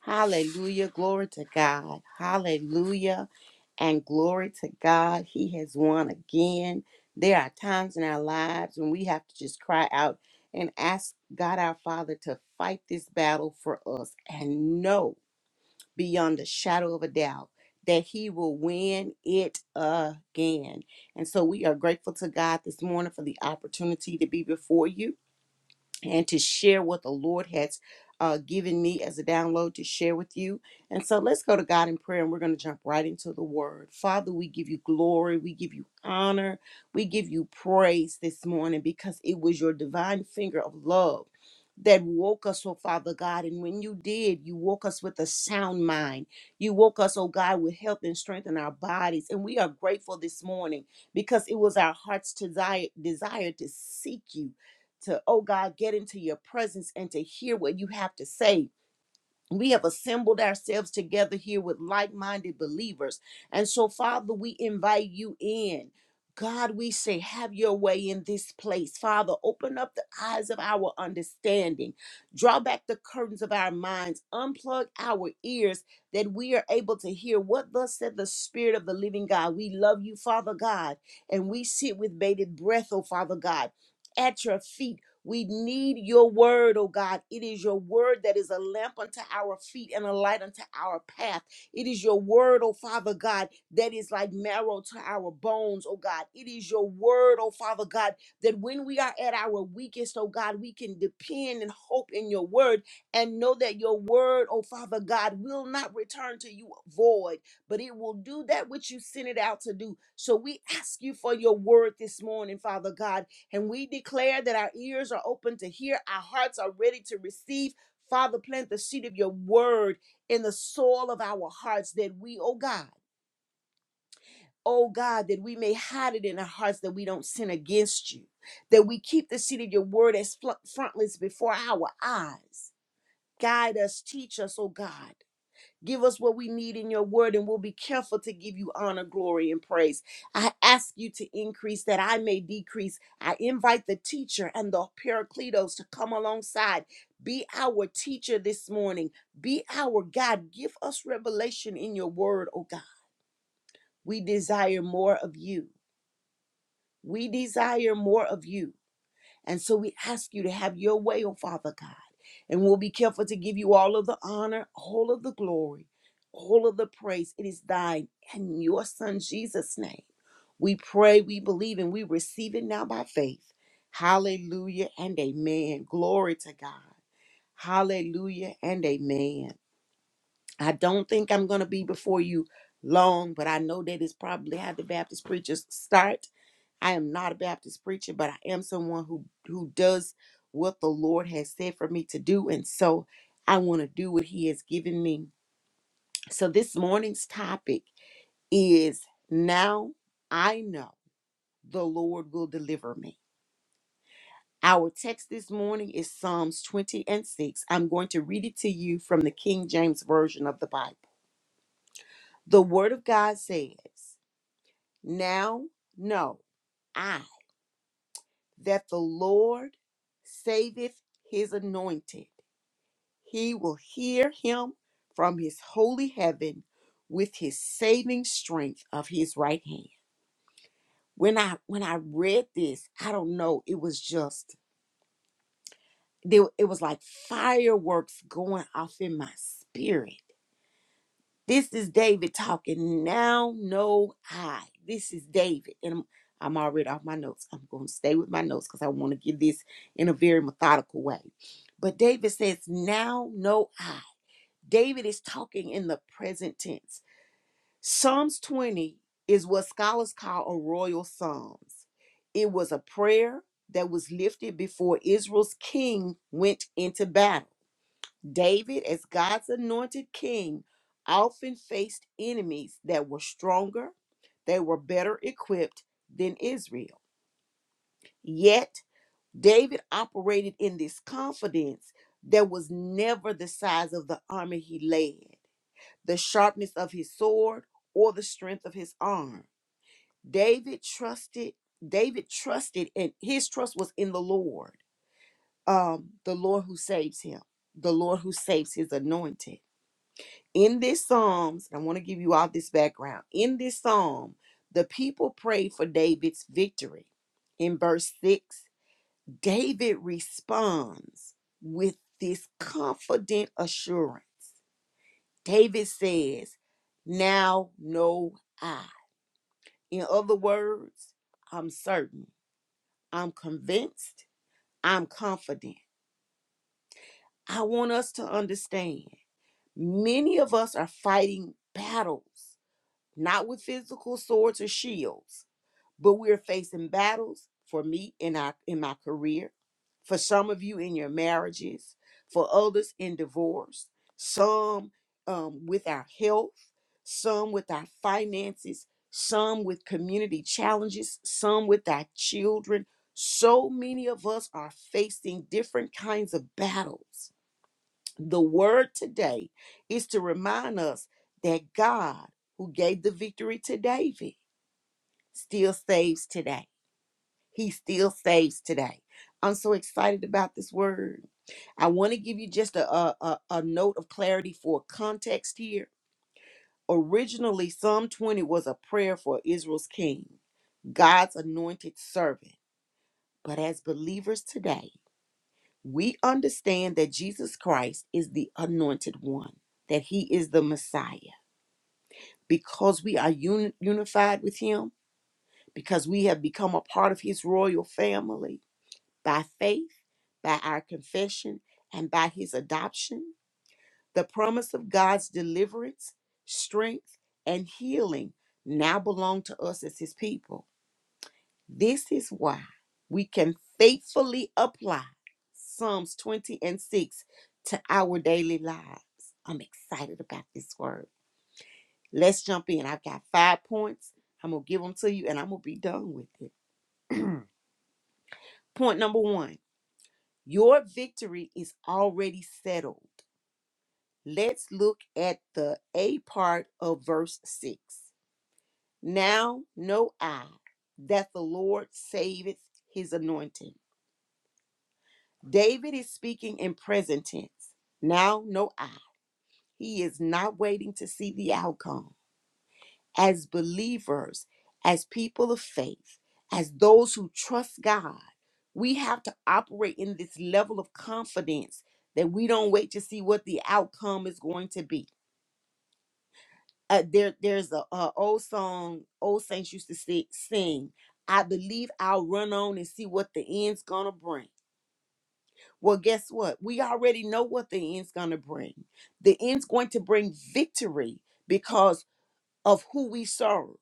Hallelujah. Glory to God. Hallelujah. And glory to God. He has won again. There are times in our lives when we have to just cry out and ask God our Father to fight this battle for us and know beyond a shadow of a doubt that He will win it again. And so we are grateful to God this morning for the opportunity to be before you and to share what the Lord has uh, given me as a download to share with you. And so let's go to God in prayer and we're going to jump right into the word. Father, we give you glory, we give you honor, we give you praise this morning because it was your divine finger of love. That woke us, oh Father God. And when you did, you woke us with a sound mind. You woke us, oh God, with health and strength in our bodies. And we are grateful this morning because it was our heart's desire, desire to seek you to, oh God, get into your presence and to hear what you have to say. We have assembled ourselves together here with like minded believers. And so, Father, we invite you in. God, we say, have your way in this place. Father, open up the eyes of our understanding. Draw back the curtains of our minds. Unplug our ears that we are able to hear what thus said the Spirit of the living God. We love you, Father God, and we sit with bated breath, oh Father God at your feet we need your word, oh God. It is your word that is a lamp unto our feet and a light unto our path. It is your word, oh Father God, that is like marrow to our bones, oh God. It is your word, oh Father God, that when we are at our weakest, oh God, we can depend and hope in your word and know that your word, oh Father God, will not return to you void, but it will do that which you sent it out to do. So we ask you for your word this morning, Father God. And we declare that our ears are open to hear, our hearts are ready to receive. Father, plant the seed of your word in the soil of our hearts that we, oh God, oh God, that we may hide it in our hearts that we don't sin against you, that we keep the seed of your word as fl- frontlets before our eyes. Guide us, teach us, oh God. Give us what we need in your word, and we'll be careful to give you honor, glory, and praise. I ask you to increase that I may decrease. I invite the teacher and the paracletos to come alongside. Be our teacher this morning. Be our God. Give us revelation in your word, oh God. We desire more of you. We desire more of you. And so we ask you to have your way, oh Father God. And we'll be careful to give you all of the honor, all of the glory, all of the praise. It is thine and in your Son, Jesus' name. We pray, we believe, and we receive it now by faith. Hallelujah and amen. Glory to God. Hallelujah and amen. I don't think I'm going to be before you long, but I know that it's probably how the Baptist preachers start. I am not a Baptist preacher, but I am someone who who does what the Lord has said for me to do, and so I want to do what He has given me. So this morning's topic is now I know the Lord will deliver me. Our text this morning is Psalms 20 and 6. I'm going to read it to you from the King James Version of the Bible. The Word of God says, Now know. I. that the Lord saveth his anointed. He will hear him from his holy heaven with his saving strength of his right hand. When I when I read this, I don't know, it was just there it was like fireworks going off in my spirit. This is David talking. Now know I. This is David. And I'm, I'm already off my notes. I'm going to stay with my notes because I want to give this in a very methodical way. But David says, Now know I. David is talking in the present tense. Psalms 20 is what scholars call a royal psalms. It was a prayer that was lifted before Israel's king went into battle. David, as God's anointed king, often faced enemies that were stronger, they were better equipped than Israel. Yet, David operated in this confidence that was never the size of the army he led, the sharpness of his sword, or the strength of his arm. David trusted, David trusted, and his trust was in the Lord, um, the Lord who saves him, the Lord who saves his anointed. in this psalms and i want to give you all this background in this psalm the people prayed for david's victory in verse 6 david responds with this confident assurance david says now know i in other words i'm certain i'm convinced i'm confident i want us to understand many of us are fighting battles not with physical swords or shields, but we're facing battles for me in our in my career, for some of you in your marriages, for others in divorce, some um, with our health, some with our finances, some with community challenges, some with our children. So many of us are facing different kinds of battles. The word today is to remind us that God, who gave the victory to David, still saves today. He still saves today. I'm so excited about this word. I want to give you just a, a, a a note of clarity for context here. Originally, Psalm 20 was a prayer for Israel's king, God's anointed servant. But as believers today, we understand that Jesus Christ is the anointed one, that he is the Messiah because we are uni- unified with him, because we have become a part of his royal family by faith, by our confession, and by his adoption, the promise of God's deliverance, strength, and healing now belong to us as his people. This is why we can faithfully apply Psalms 20 and 6 to our daily lives. I'm excited about this word Let's jump in. I've got five points. I'm going to give them to you and I'm going to be done with it. Point number one your victory is already settled. Let's look at the A part of verse 6. Now know I that the Lord saveth his anointed. David is speaking in present tense. Now know I. He is not waiting to see the outcome. as believers, as people of faith, as those who trust God, we have to operate in this level of confidence that we don't wait to see what the outcome is going to be. Uh, there, there's a, a old song old saints used to si- sing. I believe I'll run on and see what the end's gonna bring. Well, guess what? We already know what the end's gonna bring. The end's going to bring victory because of who we serve.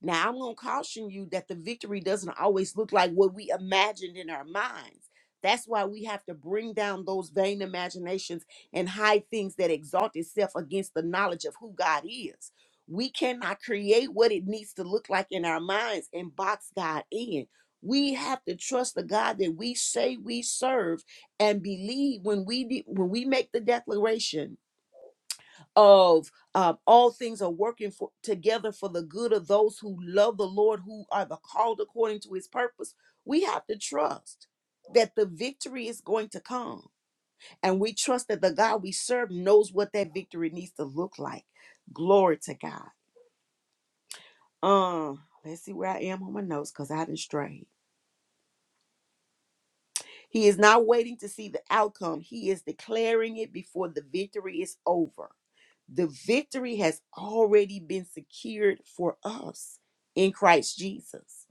Now, I'm going to caution you that the victory doesn't always look like what we imagined in our minds. That's why we have to bring down those vain imaginations and high things that exalt itself against the knowledge of who God is. We cannot create what it needs to look like in our minds and box God in. We have to trust the God that we say we serve and believe when we de- when we make the declaration of um, all things are working for, together for the good of those who love the Lord, who are the called according to his purpose. We have to trust that the victory is going to come. And we trust that the God we serve knows what that victory needs to look like. Glory to God. Um, let's see where I am on my notes because I didn't stray. He is not waiting to see the outcome. He is declaring it before the victory is over. The victory has already been secured for us in Christ Jesus.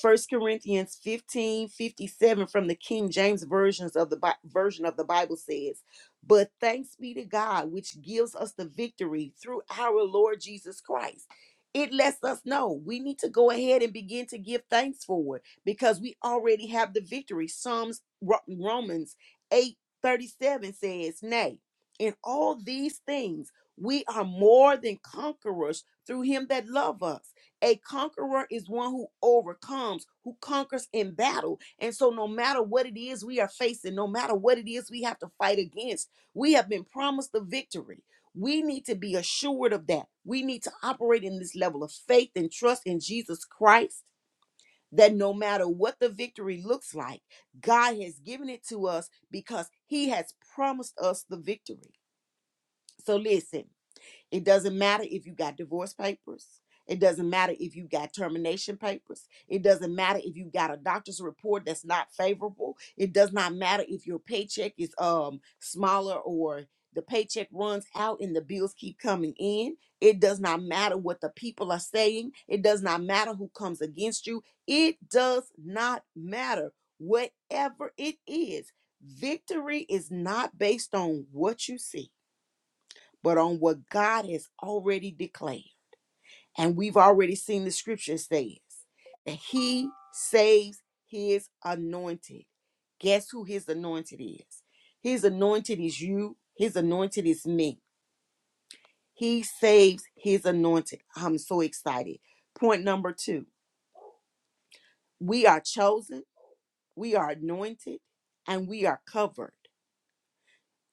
First Corinthians 15 57 from the King James versions of the Bi- version of the Bible says, But thanks be to God, which gives us the victory through our Lord Jesus Christ. It lets us know we need to go ahead and begin to give thanks for it because we already have the victory. Psalms Ro- Romans 8 37 says, Nay, in all these things we are more than conquerors through him that love us. A conqueror is one who overcomes, who conquers in battle. And so, no matter what it is we are facing, no matter what it is we have to fight against, we have been promised the victory. We need to be assured of that. We need to operate in this level of faith and trust in Jesus Christ that no matter what the victory looks like, God has given it to us because He has promised us the victory. So, listen. It doesn't matter if you got divorce papers. It doesn't matter if you got termination papers. It doesn't matter if you got a doctor's report that's not favorable. It does not matter if your paycheck is um smaller or the paycheck runs out and the bills keep coming in. It does not matter what the people are saying. It does not matter who comes against you. It does not matter. Whatever it is, victory is not based on what you see but on what God has already declared. And we've already seen the scripture says that he saves his anointed. Guess who his anointed is? His anointed is you, his anointed is me. He saves his anointed. I'm so excited. Point number two we are chosen, we are anointed, and we are covered.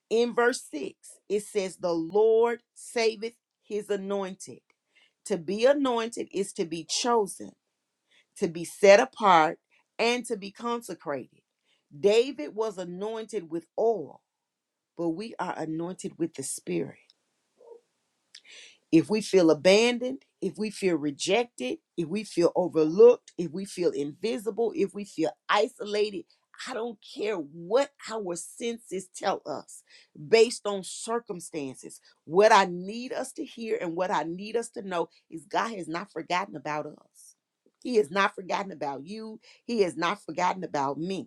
In verse 6, it says, The Lord saveth his anointed. To be anointed is to be chosen, to be set apart, and to be consecrated. David was anointed with oil, but we are anointed with the Spirit. If we feel abandoned, if we feel rejected, if we feel overlooked, if we feel invisible, if we feel isolated, I don't care what our senses tell us based on circumstances. What I need us to hear and what I need us to know is God has not forgotten about us. He has not forgotten about you. He has not forgotten about me.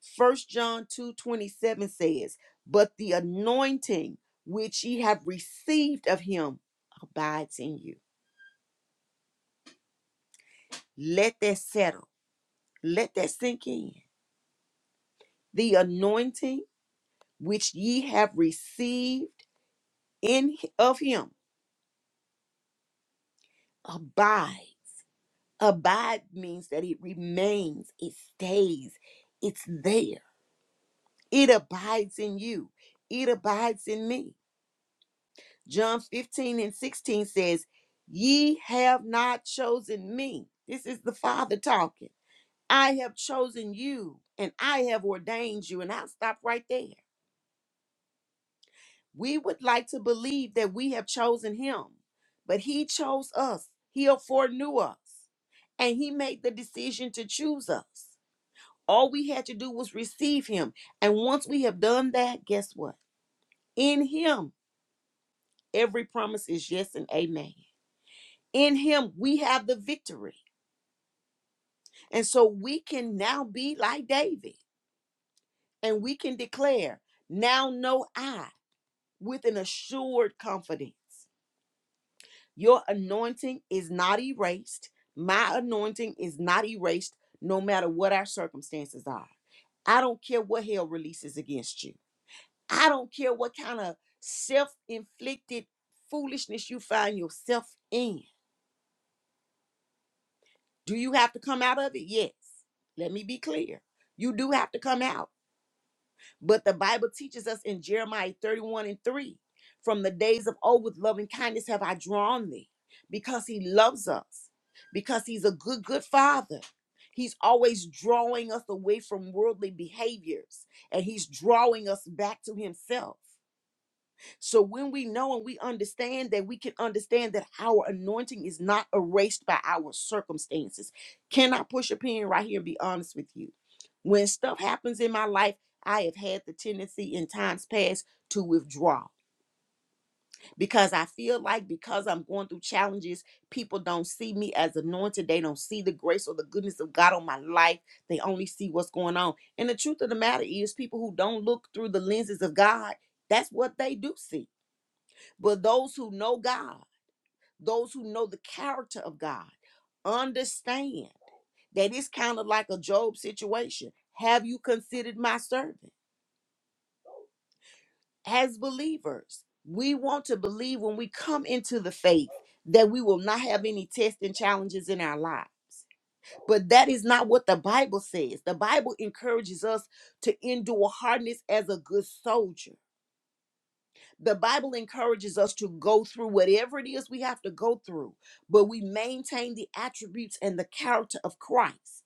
First John 2 27 says, But the anointing which ye have received of him abides in you. Let that settle. Let that sink in. The anointing which ye have received in of him abide. Abide means that it remains, it stays, it's there. It abides in you. It abides in me. John 15 and 16 says, Ye have not chosen me. This is the Father talking. I have chosen you and I have ordained you. And I'll stop right there. We would like to believe that we have chosen him, but he chose us. He foreknew us and he made the decision to choose us. All we had to do was receive him. And once we have done that, guess what? In him, every promise is yes and amen. In him, we have the victory. And so we can now be like David and we can declare, Now know I with an assured confidence. Your anointing is not erased. My anointing is not erased, no matter what our circumstances are. I don't care what hell releases against you. I don't care what kind of self inflicted foolishness you find yourself in. Do you have to come out of it? Yes. Let me be clear. You do have to come out. But the Bible teaches us in Jeremiah 31 and 3 from the days of old, with loving kindness have I drawn thee because he loves us, because he's a good, good father. He's always drawing us away from worldly behaviors and he's drawing us back to himself. So when we know and we understand that, we can understand that our anointing is not erased by our circumstances. Can I push a pin right here and be honest with you? When stuff happens in my life, I have had the tendency in times past to withdraw because I feel like because I'm going through challenges, people don't see me as anointed. They don't see the grace or the goodness of God on my life. They only see what's going on. And the truth of the matter is, people who don't look through the lenses of God, that's what they do see but those who know God, those who know the character of God, understand that it's kind of like a Job situation. Have you considered my servant? As believers, we want to believe when we come into the faith that we will not have any tests and challenges in our life. But that is not what the Bible says. The Bible encourages us to endure hardness as a good soldier. The Bible encourages us to go through whatever it is we have to go through, but we maintain the attributes and the character of Christ.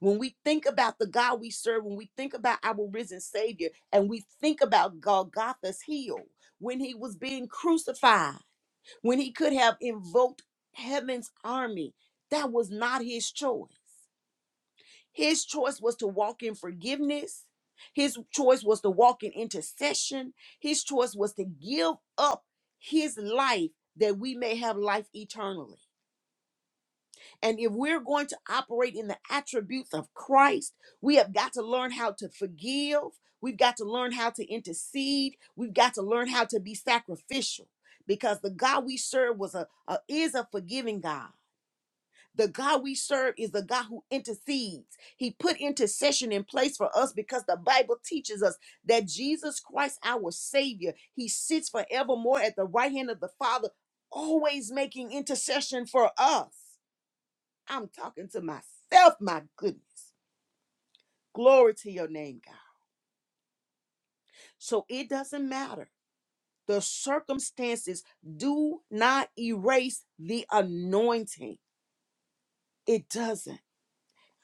When we think about the God we serve, when we think about our risen Savior, and we think about Golgotha's heel, when he was being crucified, when he could have invoked heaven's army, that was not his choice. His choice was to walk in forgiveness. His choice was to walk in intercession. His choice was to give up his life that we may have life eternally. And if we're going to operate in the attributes of Christ, we have got to learn how to forgive. We've got to learn how to intercede. We've got to learn how to be sacrificial because the God we serve was a, a is a forgiving God. The God we serve is the God who intercedes. He put intercession in place for us because the Bible teaches us that Jesus Christ, our Savior, He sits forevermore at the right hand of the Father, always making intercession for us. I'm talking to myself, my goodness. Glory to your name, God. So it doesn't matter. The circumstances do not erase the anointing. It doesn't.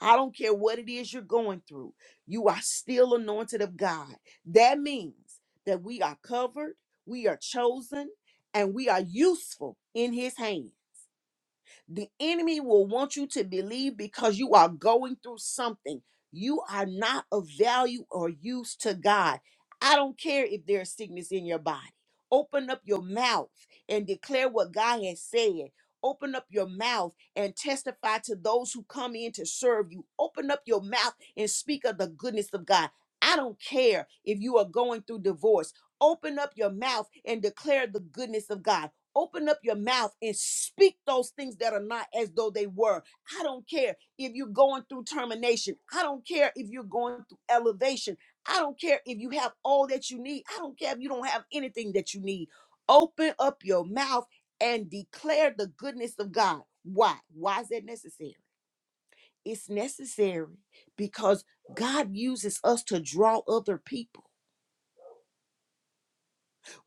I don't care what it is you're going through, you are still anointed of God. That means that we are covered, we are chosen, and we are useful in His hand. The enemy will want you to believe because you are going through something. You are not of value or use to God. I don't care if there's sickness in your body. Open up your mouth and declare what God has said. Open up your mouth and testify to those who come in to serve you. Open up your mouth and speak of the goodness of God. I don't care if you are going through divorce. Open up your mouth and declare the goodness of God. Open up your mouth and speak those things that are not as though they were. I don't care if you're going through termination. I don't care if you're going through elevation. I don't care if you have all that you need. I don't care if you don't have anything that you need. Open up your mouth and declare the goodness of God. Why? Why is that necessary? It's necessary because God uses us to draw other people.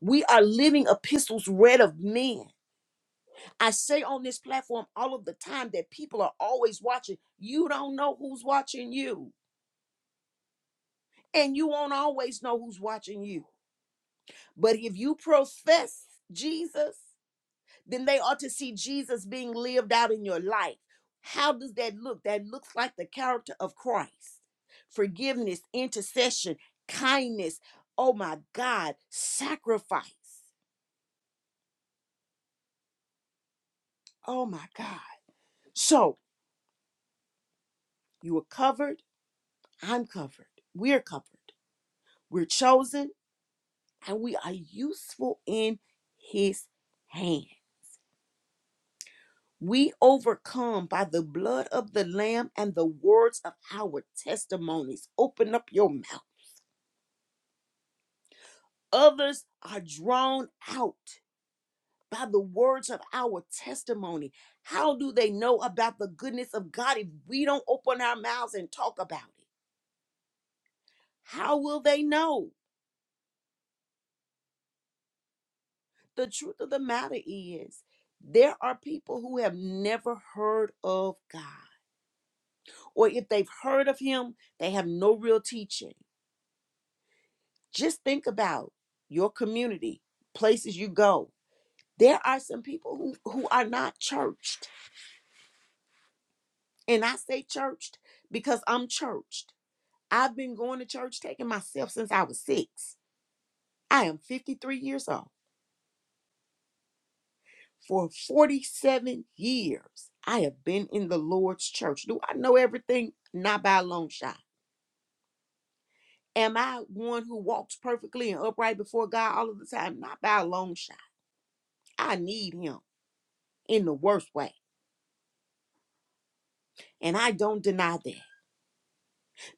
We are living epistles read of men. I say on this platform all of the time that people are always watching. You don't know who's watching you, and you won't always know who's watching you. But if you profess Jesus, then they ought to see Jesus being lived out in your life. How does that look? That looks like the character of Christ forgiveness, intercession, kindness. Oh my God, sacrifice. Oh my God. So you are covered. I'm covered. We're covered. We're chosen and we are useful in his hand. We overcome by the blood of the Lamb and the words of our testimonies. Open up your mouth. Others are drawn out by the words of our testimony. How do they know about the goodness of God if we don't open our mouths and talk about it? How will they know? The truth of the matter is, there are people who have never heard of God or if they've heard of him, they have no real teaching. Just think about your community, places you go. There are some people who, who are not churched. And I say churched because I'm churched. I've been going to church taking myself since I was six. I am 53 years old. For 47 years, I have been in the Lord's church. Do I know everything? Not by a long shot. Am I one who walks perfectly and upright before God all of the time? Not by a long shot. I need him in the worst way. And I don't deny that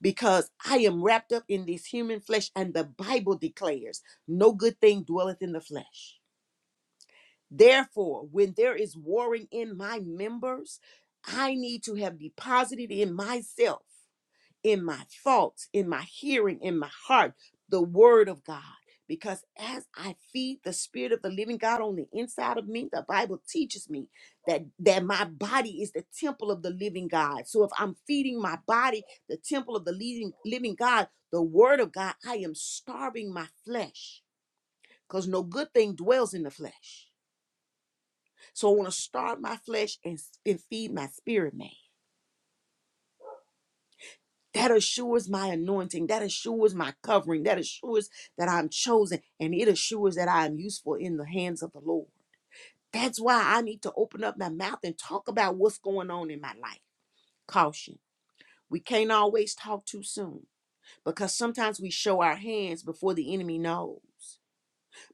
because I am wrapped up in this human flesh, and the Bible declares, No good thing dwelleth in the flesh. Therefore, when there is warring in my members, I need to have deposited in myself. in my thoughts, in my hearing, in my heart, the word of God. Because as I feed the spirit of the living God on the inside of me, the Bible teaches me that, that my body is the temple of the living God. So if I'm feeding my body, the temple of the living, living God, the word of God, I am starving my flesh because no good thing dwells in the flesh. So I want to starve my flesh and, and feed my spirit man. that assures my anointing, that assures my covering, that assures that I'm chosen, and it assures that I am useful in the hands of the Lord. That's why I need to open up my mouth and talk about what's going on in my life. Caution. We can't always talk too soon because sometimes we show our hands before the enemy knows.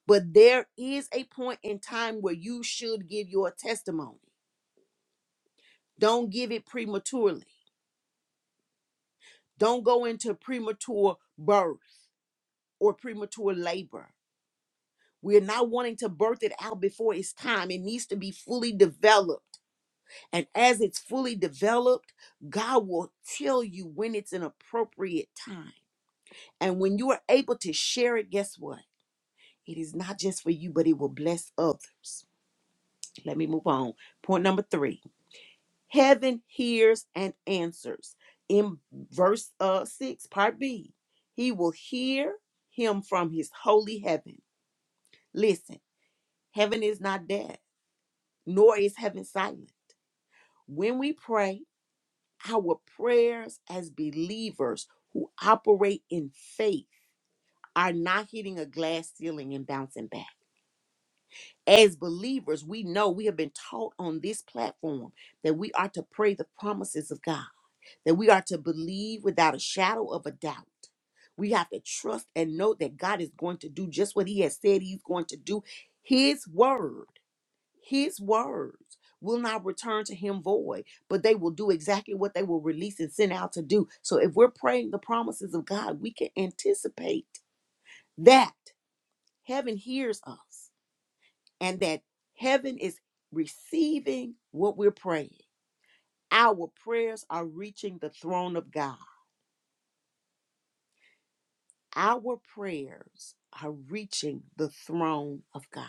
But there is a point in time where you should give your testimony. Don't give it prematurely. Don't go into premature birth or premature labor We're not wanting to birth it out before it's time. It needs to be fully developed. And as it's fully developed, God will tell you when it's an appropriate time. And when you are able to share it, guess what? It is not just for you, but it will bless others. Let me move on. Point number three Heaven hears and answers. In verse uh, 6, part B, he will hear him from his holy heaven. Listen, heaven is not deaf. nor is heaven silent. When we pray, our prayers as believers who operate in faith are not hitting a glass ceiling and bouncing back. As believers, we know we have been taught on this platform that we are to pray the promises of God, that we are to believe without a shadow of a doubt. We have to trust and know that God is going to do just what He has said He's going to do. His word. His words will not return to him void, but they will do exactly what they will release and send out to do. So if we're praying the promises of God, we can anticipate that heaven hears us and that heaven is receiving what we're praying. Our prayers are reaching the throne of God. Our prayers are reaching the throne of God.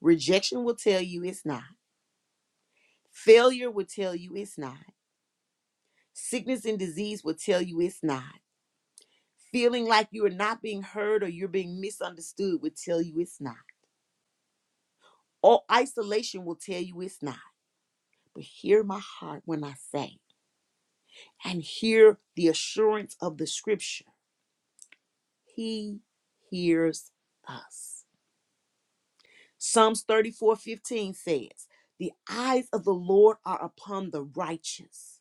Rejection will tell you it's not. Failure will tell you it's not. Sickness and disease will tell you it's not. Feeling like you are not being heard or you're being misunderstood will tell you it's not. Or isolation will tell you it's not. But hear my heart when I say, and hear the assurance of the scripture. He hears us. Psalms 34:15 says, The eyes of the Lord are upon the righteous,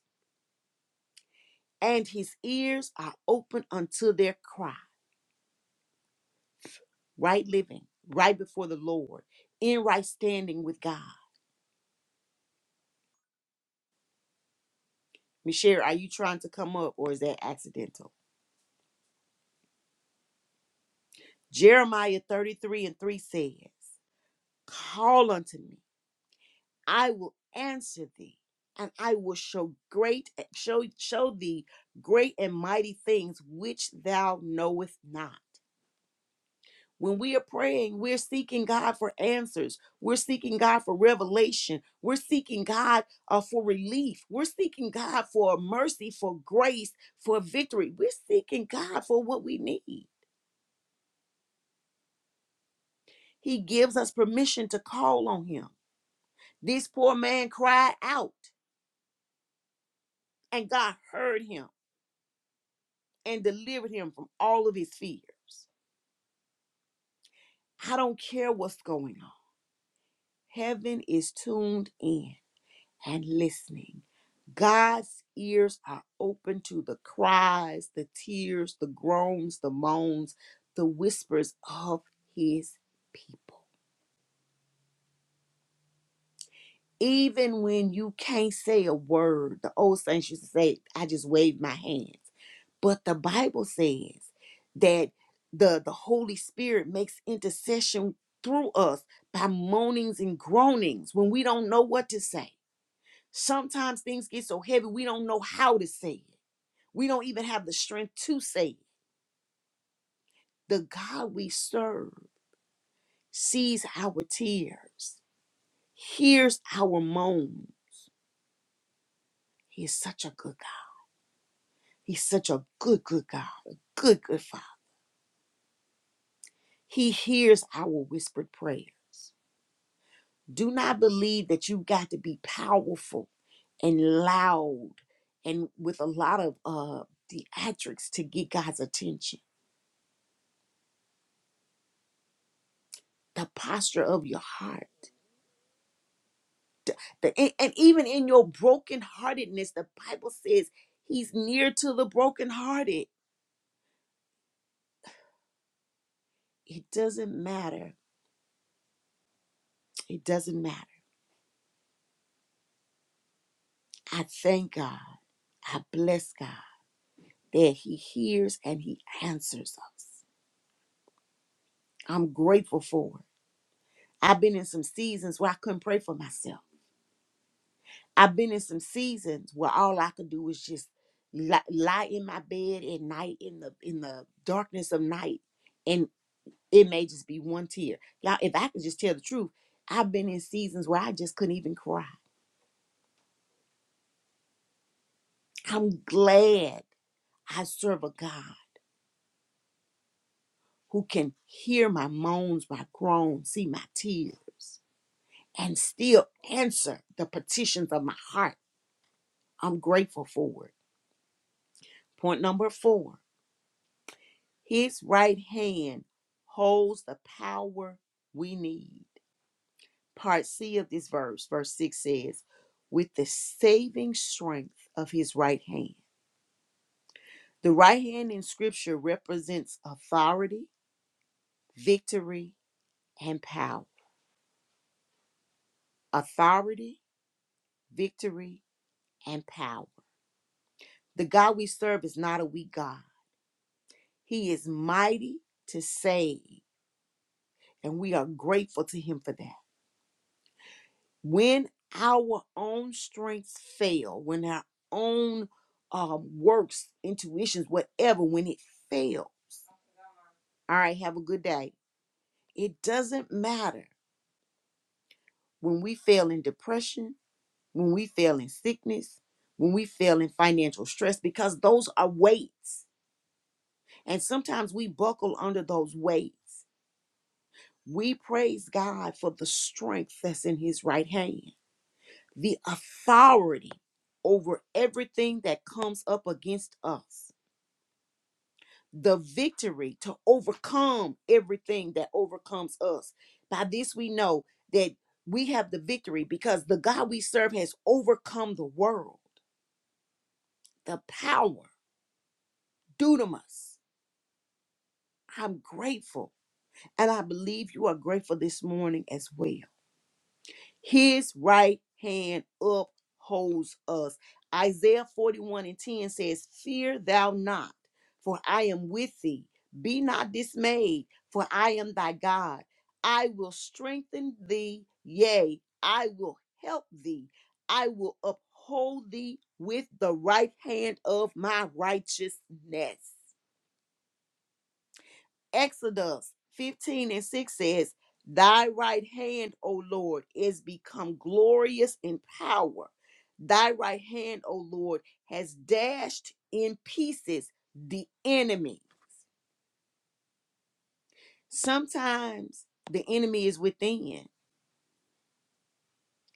and his ears are open unto their cry. right living, right before the Lord, in right standing with God. Michelle, are you trying to come up or is that accidental? Jeremiah 33 and 3 says, Call unto me, I will answer thee, and I will show great show show thee great and mighty things which thou knowest not. When we are praying, we're seeking God for answers. We're seeking God for revelation. We're seeking God uh, for relief. We're seeking God for mercy, for grace, for victory. We're seeking God for what we need. He gives us permission to call on him. This poor man cried out, and God heard him and delivered him from all of his fears. I don't care what's going on. Heaven is tuned in. and listening. God's ears are open to the cries, the tears, the groans, the moans, the whispers of his people. Even when you can't say a word, the old saints used to say, I just wave my hands. But the Bible says that the, the Holy Spirit makes intercession through us by moanings and groanings when we don't know what to say. Sometimes things get so heavy we don't know how to say it. We don't even have the strength to say it. The God we serve sees our tears, hears our moan. He is such a good God. He's such a good, good God, a good, good Father. He hears our whispered prayers. Do not believe that you got to be powerful and loud and with a lot of uh, theatrics to get God's attention. The posture of your heart the- And and even in your brokenheartedness, the Bible says he's near to the brokenhearted. It doesn't matter. It doesn't matter. I thank God. I bless God that he hears and he answers us. I'm grateful for it. I've been in some seasons where I couldn't pray for myself. I've been in some seasons where all I could do was just li- lie in my bed at night in the in the darkness of night It may just be one tear. Y'all, if I could just tell the truth, I've been in seasons where I just couldn't even cry. I'm glad I serve a God who can hear my moans, my groans, see my tears, and still answer the petitions of my heart. I'm grateful for it. Point number four His right hand holds the power we need. Part C of this verse, verse 6 says, with the saving strength of his right hand. The right hand in scripture represents authority, victory, and power. Authority, victory, and power. The God we serve is not a weak God. He is mighty to save, and we are grateful to him for that. When our own strengths fail, when our own um, works, intuitions, whatever, when it fails, all right, have a good day. It doesn't matter when we fail in depression, when we fail in sickness, when we fail in financial stress, because those are weights. And sometimes we buckle under those weights. We praise God for the strength that's in His right hand, the authority over everything that comes up against us, the victory to overcome everything that overcomes us. By this, we know that we have the victory because the God we serve has overcome the world, the power. dunamis. I'm grateful. And I believe you are grateful this morning as well. His right hand upholds us. Isaiah 41 and 10 says, Fear thou not, for I am with thee. Be not dismayed, for I am thy God. I will strengthen thee. Yea, I will help thee. I will uphold thee with the right hand of my righteousness. Exodus 15 and 6 says, Thy right hand, O Lord, is become glorious in power. Thy right hand, O Lord, has dashed in pieces the enemy. Sometimes the enemy is within,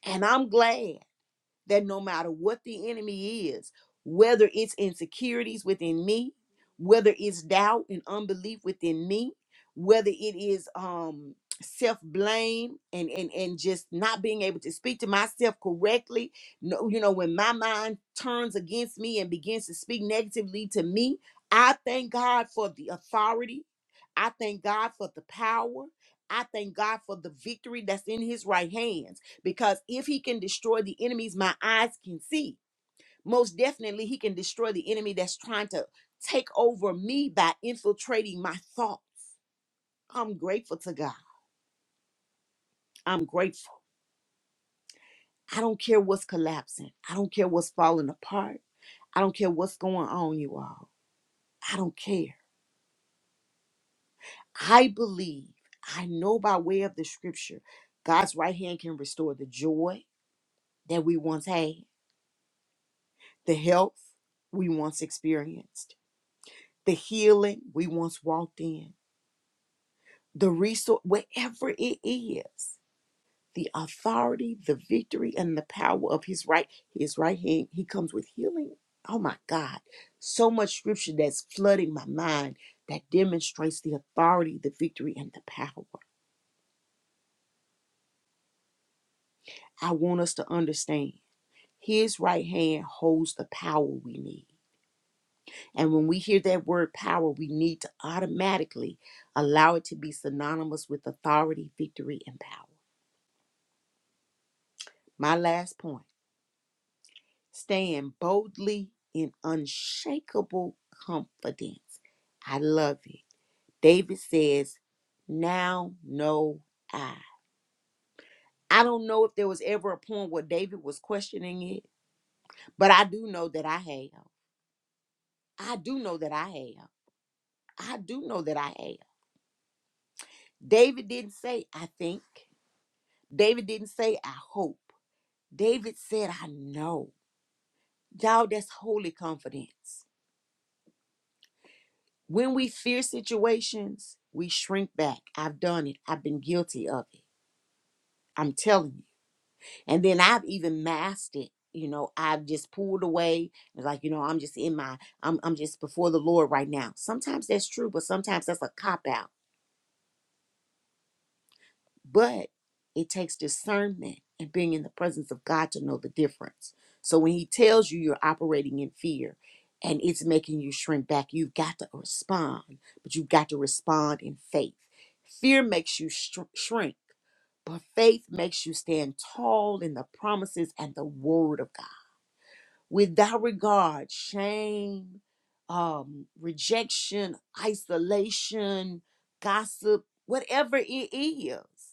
and I'm glad. that no matter what the enemy is, whether it's insecurities within me, whether it's doubt and unbelief within me, whether it is um self-blame and and and just not being able to speak to myself correctly no you know when my mind turns against me and begins to speak negatively to me i thank god for the authority i thank god for the power i thank god for the victory that's in his right hands because if he can destroy the enemies my eyes can see, most definitely he can destroy the enemy that's trying to take over me by infiltrating my thoughts. I'm grateful to God. I'm grateful. I don't care what's collapsing. I don't care what's falling apart. I don't care what's going on, you all. I don't care. I believe, I know by way of the scripture, God's right hand can restore the joy that we once had, the health we once experienced the healing we once walked in, the resource, wherever it is, the authority, the victory, and the power of his right, his right hand. He comes with healing. Oh my God. So much scripture that's flooding my mind that demonstrates the authority, the victory, and the power. I want us to understand his right hand holds the power we need. And when we hear that word power, we need to automatically allow it to be synonymous with authority, victory, and power. My last point stand boldly in unshakable confidence. I love it. David says, Now know I. I don't know if there was ever a point where David was questioning it, but I do know that I have. I do know that I have. I do know that I have. David didn't say, I think. David didn't say, I hope. David said, I know. Y'all, that's holy confidence. When we fear situations, we shrink back. I've done it. I've been guilty of it. I'm telling you. And then I've even masked it. You know, I've just pulled away. It's like, you know, I'm just in my, I'm, I'm just before the Lord right now. Sometimes that's true, but sometimes that's a cop out But it takes discernment and being in the presence of God to know the difference. So when He tells you you're operating in fear and it's making you shrink back, you've got to respond, but you've got to respond in faith. Fear makes you shr- shrink, but faith makes you stand tall in the promises and the word of God. Without regard, shame, um, rejection, isolation, gossip, whatever it is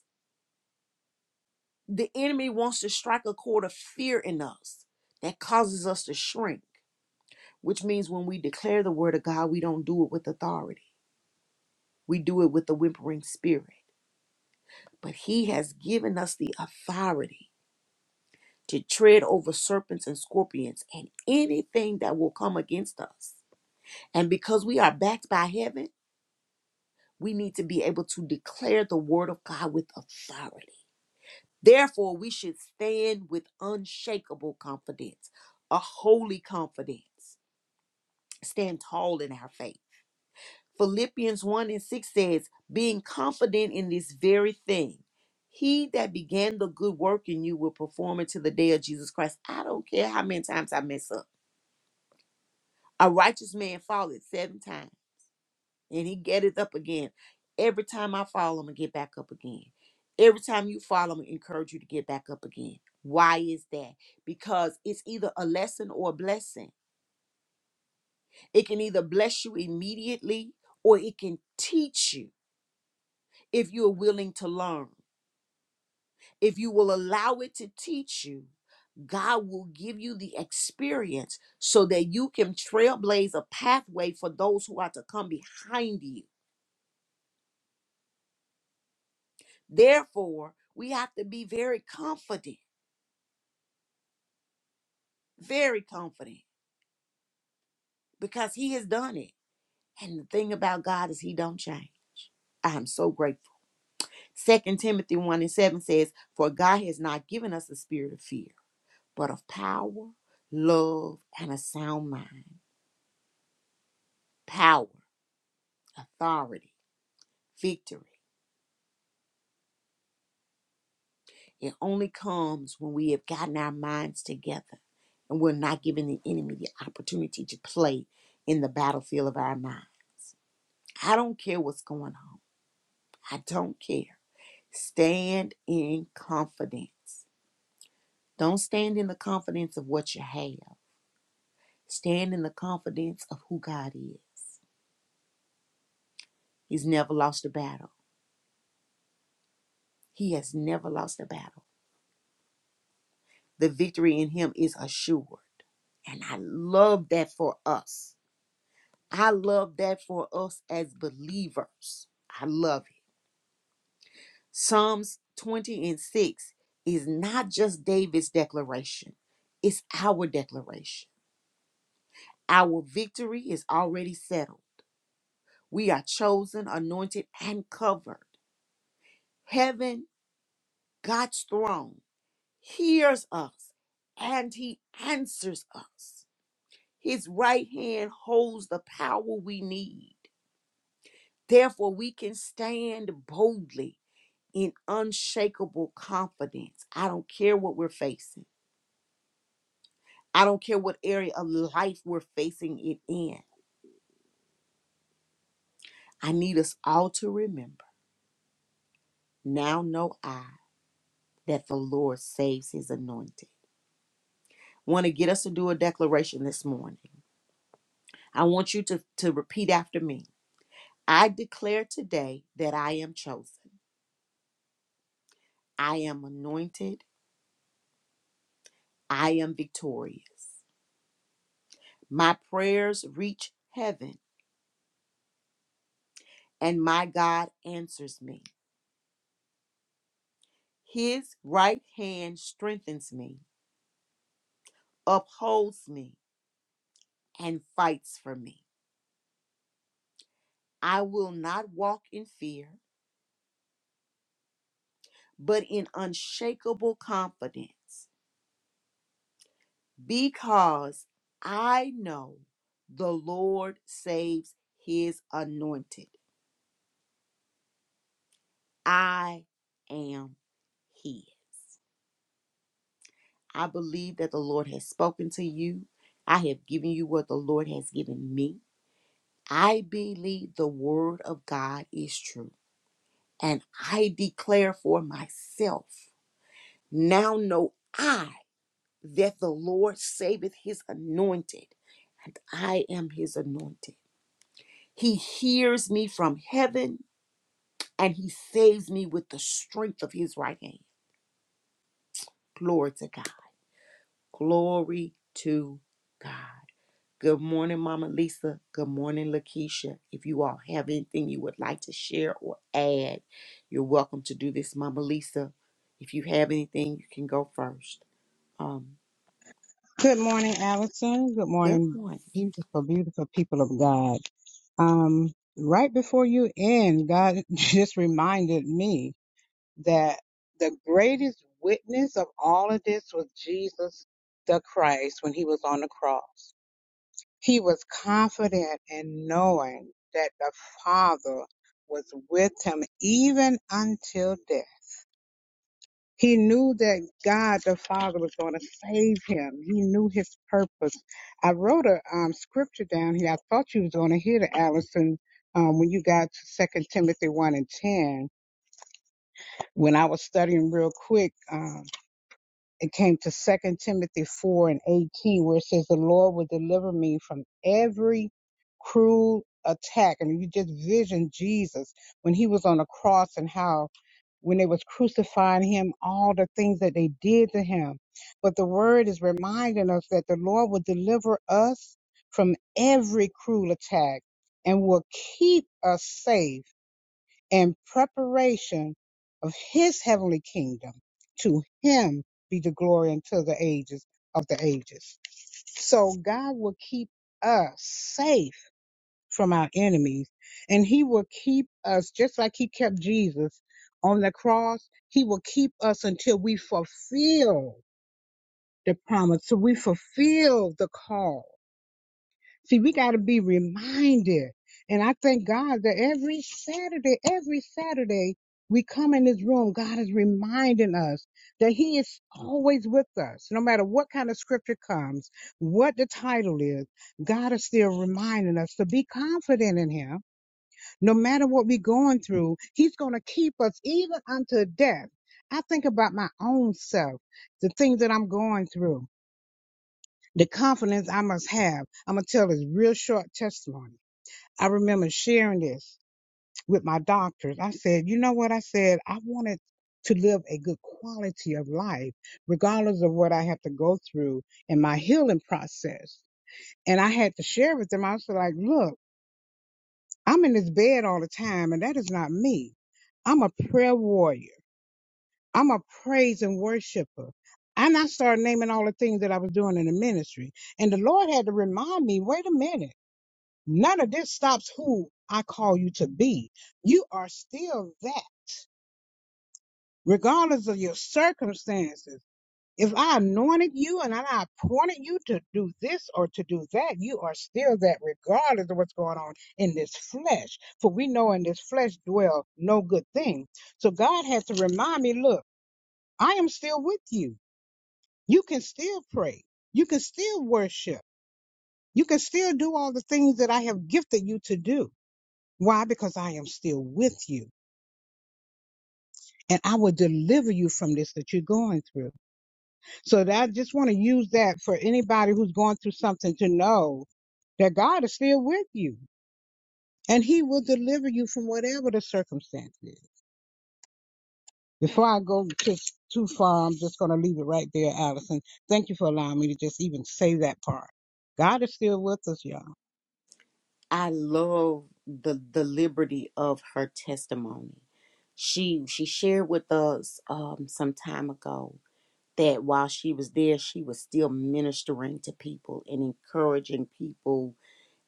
the enemy wants to strike a chord of fear in us that causes us to shrink, which means when we declare the word of God, we don't do it with authority. We do it with the whimpering spirit. But he has given us the authority to tread over serpents and scorpions and anything that will come against us. And because we are backed by heaven, we need to be able to declare the word of God with authority. Therefore, we should stand with unshakable confidence, a holy confidence. Stand tall in our faith. Philippians 1 and 6 says, Being confident in this very thing, he that began the good work in you will perform it to the day of Jesus Christ. I don't care how many times I mess up. A righteous man falleth seven times and he get it up again. Every time I fall, I'm gonna get back up again. Every time you fall, I'm gonna encourage you to get back up again. Why is that? Because it's either a lesson or a blessing. It can either bless you immediately or it can teach you if you're willing to learn. If you will allow it to teach you, God will give you the experience so that you can trailblaze a pathway for those who are to come behind you. Therefore, we have to be very confident, very confident, because he has done it. And the thing about God is he don't change. I am so grateful. Second Timothy 1 and 7 says, For God has not given us a spirit of fear, but of power, love, and a sound mind. Power, authority, victory. It only comes when we have gotten our minds together and we're not giving the enemy the opportunity to play in the battlefield of our mind. I don't care what's going on. I don't care. Stand in confidence. Don't stand in the confidence of what you have. Stand in the confidence of who God is. He's never lost a battle. He has never lost a battle. The victory in him is assured. And I love that for us. I love that for us as believers. I love it. Psalms 20 and 6 is not just David's declaration, it's our declaration. Our victory is already settled. We are chosen, anointed, and covered. Heaven, God's throne, hears us and he answers us. His right hand holds the power we need. Therefore, we can stand boldly in unshakable confidence. I don't care what we're facing. I don't care what area of life we're facing it in. I need us all to remember now know I that the Lord saves his anointed. Want to get us to do a declaration this morning. I want you to, to repeat after me. I declare today that I am chosen. I am anointed. I am victorious. My prayers reach heaven, and my God answers me. His right hand strengthens me, upholds me, and fights for me. I will not walk in fear, but in unshakable confidence, because I know the Lord saves his anointed. I am he. I believe that the Lord has spoken to you. I have given you what the Lord has given me. I believe the word of God is true. And I declare for myself now know I that the Lord saveth his anointed, and I am his anointed. He hears me from heaven, and he saves me with the strength of his right hand. Glory to God. Glory to God. Good morning, Mama Lisa. Good morning, Lakeisha. If you all have anything you would like to share or add, you're welcome to do this, Mama Lisa. If you have anything, you can go first. Um, Good morning, Allison. Good good morning, morning. beautiful, beautiful people of God. Um, right before you end, God just reminded me that the greatest witness of all of this was Jesus the Christ when he was on the cross. He was confident in knowing that the Father was with him even until death. He knew that God the Father was going to save him. He knew his purpose. I wrote a um, scripture down here. I thought you was going to hear it, Allison, um, when you got to Second Timothy one and ten. When I was studying real quick, um, it came to Second Timothy four and eighteen, where it says, "The Lord will deliver me from every cruel attack." And you just vision Jesus when he was on the cross and how when they was crucifying him, all the things that they did to him. But the word is reminding us that the Lord will deliver us from every cruel attack and will keep us safe in preparation of his heavenly kingdom. To him be the glory until the ages of the ages. So God will keep us safe from our enemies. And he will keep us, just like he kept Jesus on the cross, he will keep us until we fulfill the promise, so we fulfill the call. See, we got to be reminded. And I thank God that every Saturday, every Saturday, we come in this room, God is reminding us that He is always with us. No matter what kind of scripture comes, what the title is, God is still reminding us to be confident in Him no matter what we're going through, he's going to keep us even unto death. I think about my own self, the things that I'm going through, the confidence I must have. I'm going to tell this real short testimony. I remember sharing this with my doctors. I said, you know what? I said, I wanted to live a good quality of life, regardless of what I have to go through in my healing process. And I had to share with them. I was like, look, I'm in this bed all the time, and that is not me. I'm a prayer warrior. I'm a praise and worshiper. And I started naming all the things that I was doing in the ministry. And the Lord had to remind me, wait a minute, none of this stops who I call you to be. You are still that, regardless of your circumstances. If I anointed you and I appointed you to do this or to do that, you are still that regardless of what's going on in this flesh. For we know in this flesh dwell no good thing. So God has to remind me, look, I am still with you. You can still pray. You can still worship. You can still do all the things that I have gifted you to do. Why? Because I am still with you and I will deliver you from this that you're going through. So that I just want to use that for anybody who's going through something to know that God is still with you and he will deliver you from whatever the circumstance is. Before I go just too far, I'm just going to leave it right there, Allison. Thank you for allowing me to just even say that part. God is still with us, y'all. I love the the liberty of her testimony. She she shared with us um, some time ago that while she was there, she was still ministering to people and encouraging people,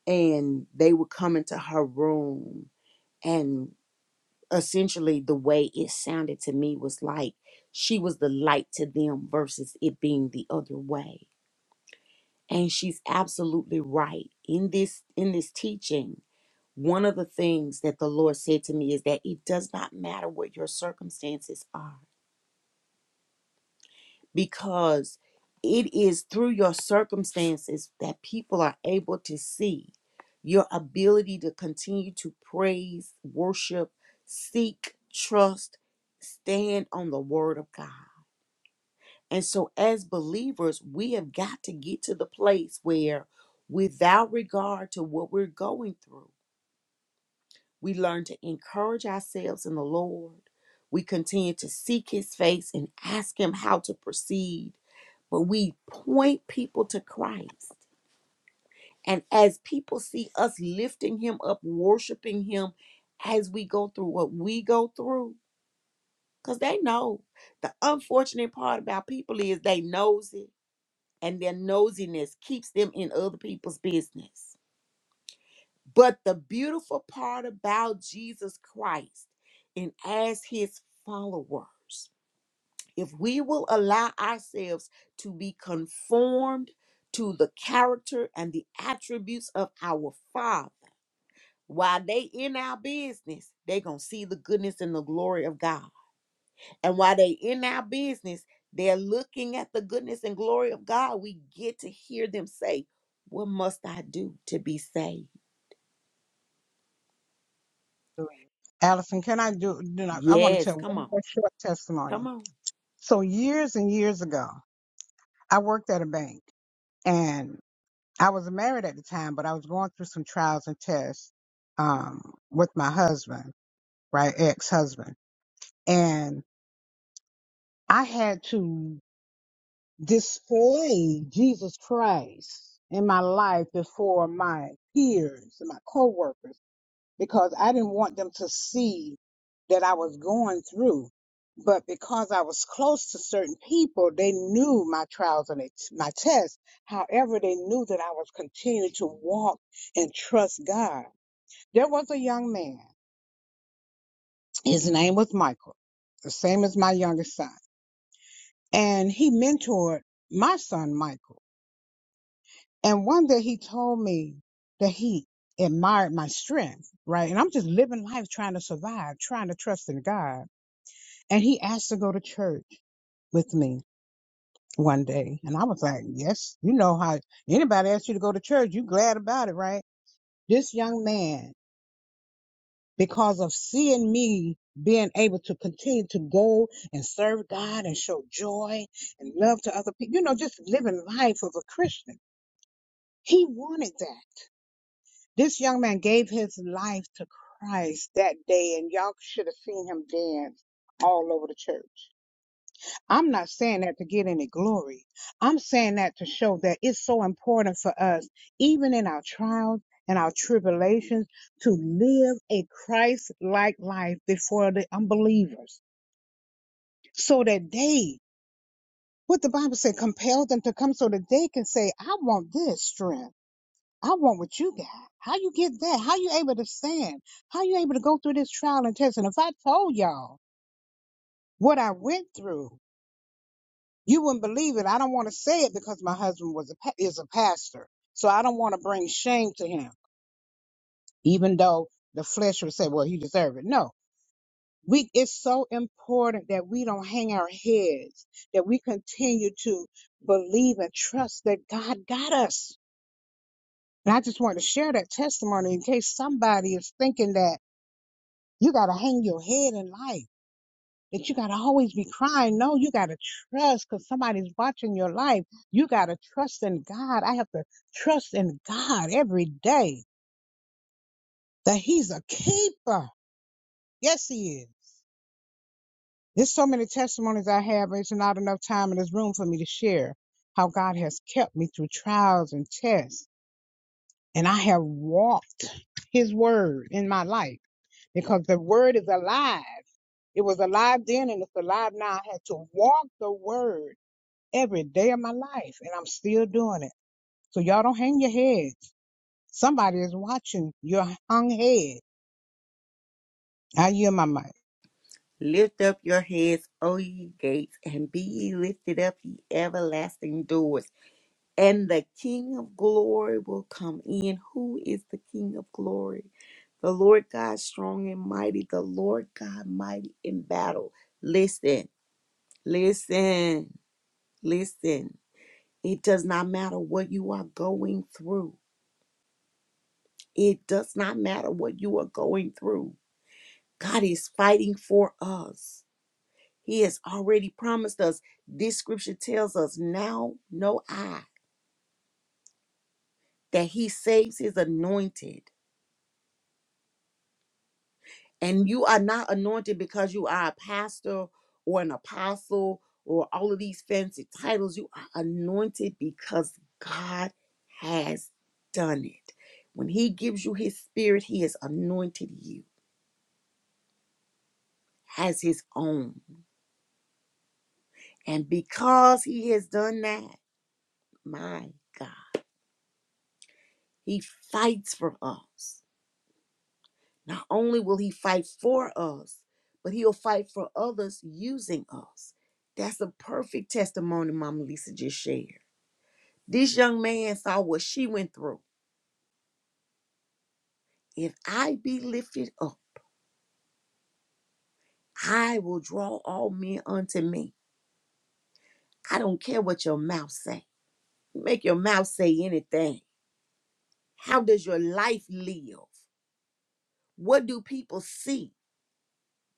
and they would come into her room and essentially the way it sounded to me was like she was the light to them versus it being the other way and she's absolutely right in this in this teaching one of the things that the Lord said to me is that it does not matter what your circumstances are, because it is through your circumstances that people are able to see your ability to continue to praise, worship, seek, trust, stand on the word of God. And so, as believers, we have got to get to the place where, without regard to what we're going through, We learn to encourage ourselves in the Lord. We continue to seek his face and ask him how to proceed. But we point people to Christ. And as people see us lifting him up, worshiping him as we go through what we go through, because they know. The unfortunate part about people is they knows it, and their nosiness keeps them in other people's business. But the beautiful part about Jesus Christ and as his followers, if we will allow ourselves to be conformed to the character and the attributes of our Father, while they in our business, they going to see the goodness and the glory of God. And while they in our business, they're looking at the goodness and glory of God. We get to hear them say, "What must I do to be saved?" Through you, Allison, can I do, do not, I want to Yes, tell come one on. more short testimony. Come on. So years and years ago, I worked at a bank and. I was married at the time, but I was going through some trials and tests um, with my husband, right, ex-husband, and I had to display Jesus Christ in my life before my peers and my coworkers because I didn't want them to see that I was going through. But because I was close to certain people, they knew my trials and ex- my tests. However, they knew that I was continuing to walk and trust God. There was a young man. His name was Michael, the same as my youngest son. And he mentored my son, Michael. And one day he told me that he admired my strength, right? And I'm just living life trying to survive, trying to trust in God. And he asked to go to church with me one day. And I was like, yes, you know how anybody asks you to go to church, you glad about it, right? This young man because of seeing me being able to continue to go and serve God and show joy and love to other people. You know, just living life of a Christian. He wanted that. This young man gave his life to Christ that day, and y'all should have seen him dance all over the church. I'm not saying that to get any glory. I'm saying that to show that it's so important for us, even in our trials and our tribulations, to live a Christ like life before the unbelievers so that they, what the Bible said, compel them to come so that they can say, I want this strength. I want what you got. How you get that? How you able to stand? How you able to go through this trial and test? And if I told y'all what I went through, You wouldn't believe it. I don't want to say it because my husband was a pa- is a pastor, so I don't want to bring shame to him, even though the flesh would say, "Well, he deserved it." No, we. It's so important that we don't hang our heads, that we continue to believe and trust that God got us. And I just want to share that testimony in case somebody is thinking that you got to hang your head in life. that you got to always be crying. No, you got to trust because somebody's watching your life. You got to trust in God. I have to trust in God every day that He's a keeper. Yes, He is. There's so many testimonies I have. It's not enough time in this room for me to share how God has kept me through trials and tests. And I have walked His word in my life because the word is alive. It was alive then and it's alive now. I had to walk the word. every day of my life and I'm still doing it. So y'all don't hang your heads. Somebody is watching your hung head. I yield my mic. Lift up your heads, O ye gates, and be ye lifted up, ye everlasting doors, and the King of glory will come in. Who is the King of glory? The Lord God strong and mighty, the Lord God mighty in battle. Listen, listen, listen. It does not matter what you are going through. It does not matter what you are going through. God is fighting for us. He has already promised us. This scripture tells us now, no I, that he saves his anointed. And you are not anointed because you are a pastor or an apostle or all of these fancy titles. You are anointed because God has done it. When he gives you his spirit, he has anointed you as his own. And because he has done that, my God, he fights for us Not only will he fight for us, but he'll fight for others using us. That's a perfect testimony Mama Lisa just shared. This young man saw what she went through. If I be lifted up, I will draw all men unto me. I don't care what your mouth say. Make your mouth say anything. How does your life live? What do people see?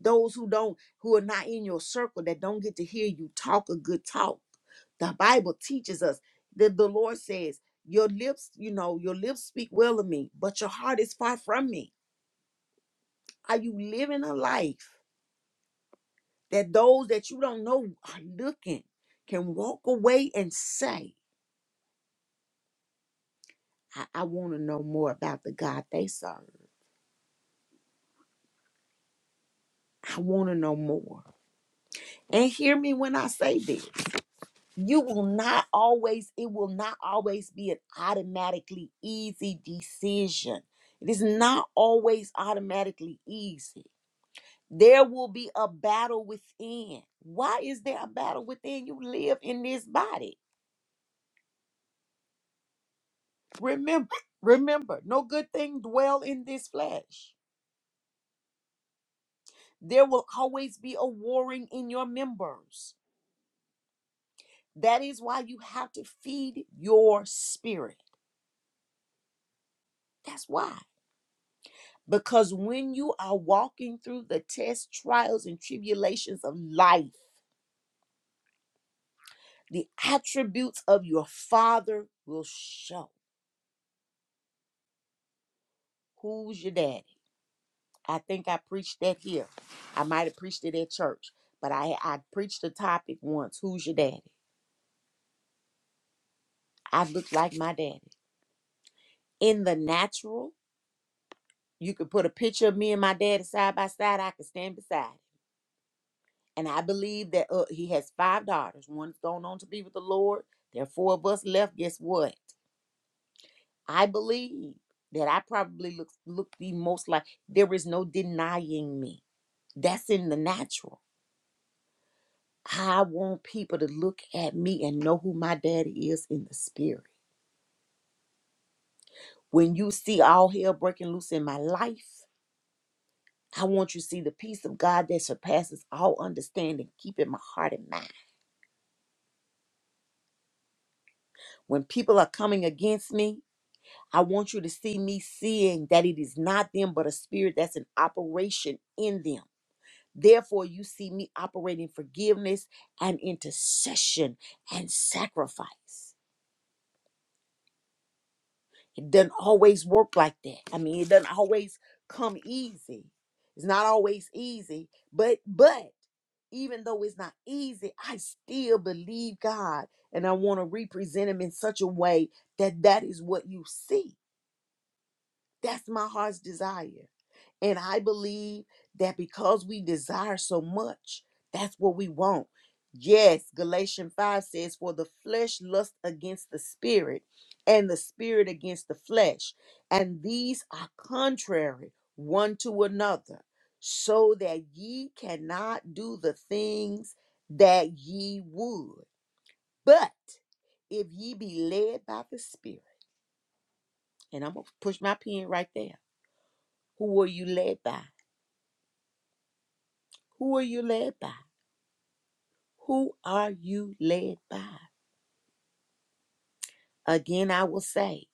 those who don't who are not in your circle that don't get to hear you talk a good talk the bible teaches us that the lord says your lips you know your lips speak well of me but your heart is far from me are you living a life that those that you don't know are looking can walk away and say i, I want to know more about the god they serve i want to know more and hear me when i say this you will not always it will not always be an automatically easy decision it is not always automatically easy there will be a battle within why is there a battle within you live in this body remember remember no good thing dwell in this flesh there will always be a warring in your members that is why you have to feed your spirit that's why Because when you are walking through the tests, trials, and tribulations of life, the attributes of your father will show. Who's your daddy? I think I preached that here. I might have preached it at church, but I, I preached the topic once. Who's your daddy? I look like my daddy. In the natural, you could put a picture of me and my daddy side by side. I could stand beside it. And I believe that uh, he has five daughters. One's gone on to be with the Lord. There are four of us left. Guess what? I believe that I probably look look the most like there is no denying me. That's in the natural. I want people to look at me and know who my daddy is in the spirit. When you see all hell breaking loose in my life, I want you to see the peace of God that surpasses all understanding, keeping my heart and mind. When people are coming against me, I want you to see me seeing that it is not them, but a spirit that's in operation in them Therefore, you see me operating forgiveness and intercession and sacrifice. It doesn't always work like that. I mean, it doesn't always come easy. It's not always easy, but but even though it's not easy, I still believe God, and I want to represent Him in such a way that that is what you see. That's my heart's desire. And I believe that because we desire so much, that's what we want. Yes, Galatians 5 says, For the flesh lusts against the spirit, and the spirit against the flesh. And these are contrary one to another, so that ye cannot do the things that ye would. But if ye be led by the spirit, and I'm going to push my pen right there. Who are you led by? Who are you led by? Who are you led by? Again, I will say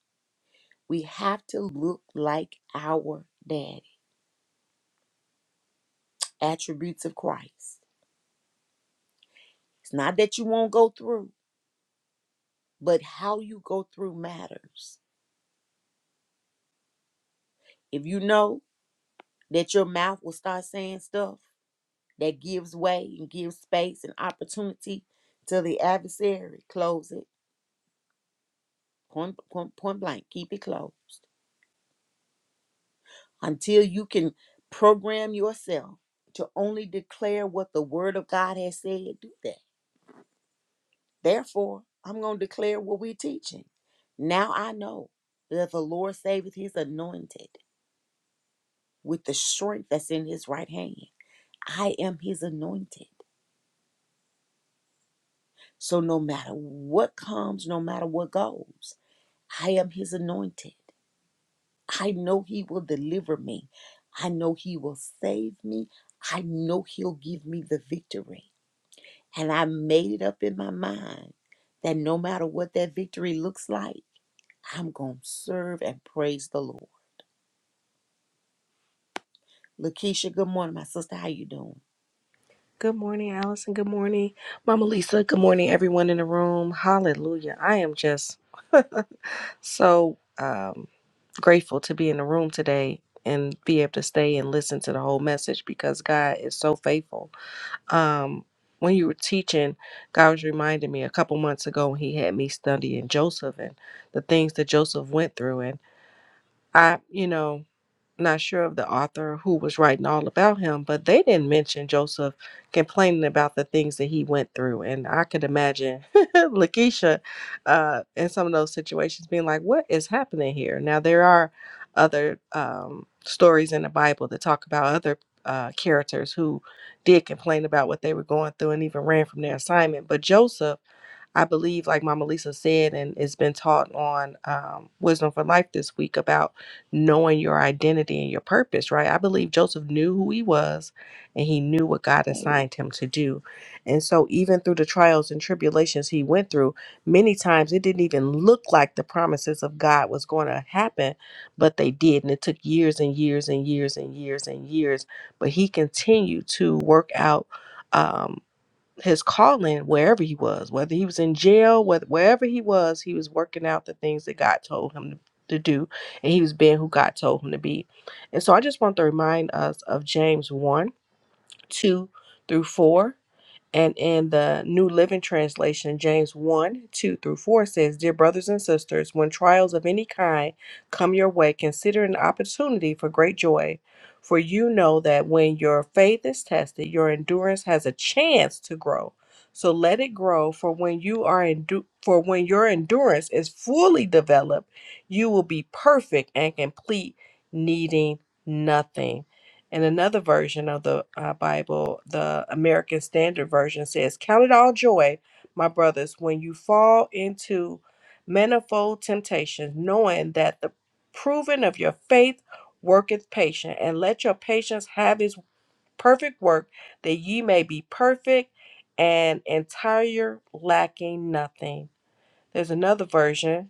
we have to look like our daddy. Attributes of Christ. It's not that you won't go through, but how you go through matters. If you know that your mouth will start saying stuff that gives way and gives space and opportunity to the adversary, close it. Point, point, point blank, keep it closed. until you can program yourself to only declare what the word of God has said, do that. Therefore, I'm going to declare what we're teaching. Now I know that the Lord saveth his anointed with the strength that's in his right hand. I am his anointed. So no matter what comes, no matter what goes, I am his anointed. I know he will deliver me. I know he will save me. I know he'll give me the victory. And I made it up in my mind that no matter what that victory looks like, I'm going to serve and praise the Lord. Lakeisha, good morning, my sister. How you doing? Good morning, Allison. Good morning, Mama Lisa. Good morning, everyone in the room. Hallelujah. I am just so um, grateful to be in the room today and be able to stay and listen to the whole message because God is so faithful. Um, when you were teaching, God was reminding me a couple months ago when He had me studying Joseph and the things that Joseph went through. And I, you know, not sure of the author who was writing all about him, but they didn't mention Joseph complaining about the things that he went through. And I could imagine Lakeisha uh, in some of those situations being like, what is happening here? Now, there are other um, stories in the Bible that talk about other uh, characters who did complain about what they were going through and even ran from their assignment. But Joseph, I believe, like Mama Lisa said, and it's been taught on um, Wisdom for Life this week about knowing your identity and your purpose, right? I believe Joseph knew who he was and he knew what God assigned him to do. And so, even through the trials and tribulations he went through, many times it didn't even look like the promises of God was going to happen, but they did. And it took years and years and years and years and years. But he continued to work out. Um, his calling wherever he was, whether he was in jail, whether wherever he was, he was working out the things that God told him to, to do, and he was being who God told him to be. And so I just want to remind us of James 1 2 through 4. And in the New Living Translation, James 1 2 through 4 says, Dear brothers and sisters, when trials of any kind come your way, consider it an opportunity for great joy. For you know that when your faith is tested, your endurance has a chance to grow. So let it grow, for when you are endu- for when your endurance is fully developed, you will be perfect and complete, needing nothing. And another version of the uh, Bible, the American Standard Version, says, Count it all joy, my brothers, when you fall into manifold temptations, knowing that the proving of your faith worketh patience, and let your patience have its perfect work, that ye may be perfect and entire, lacking nothing. There's another version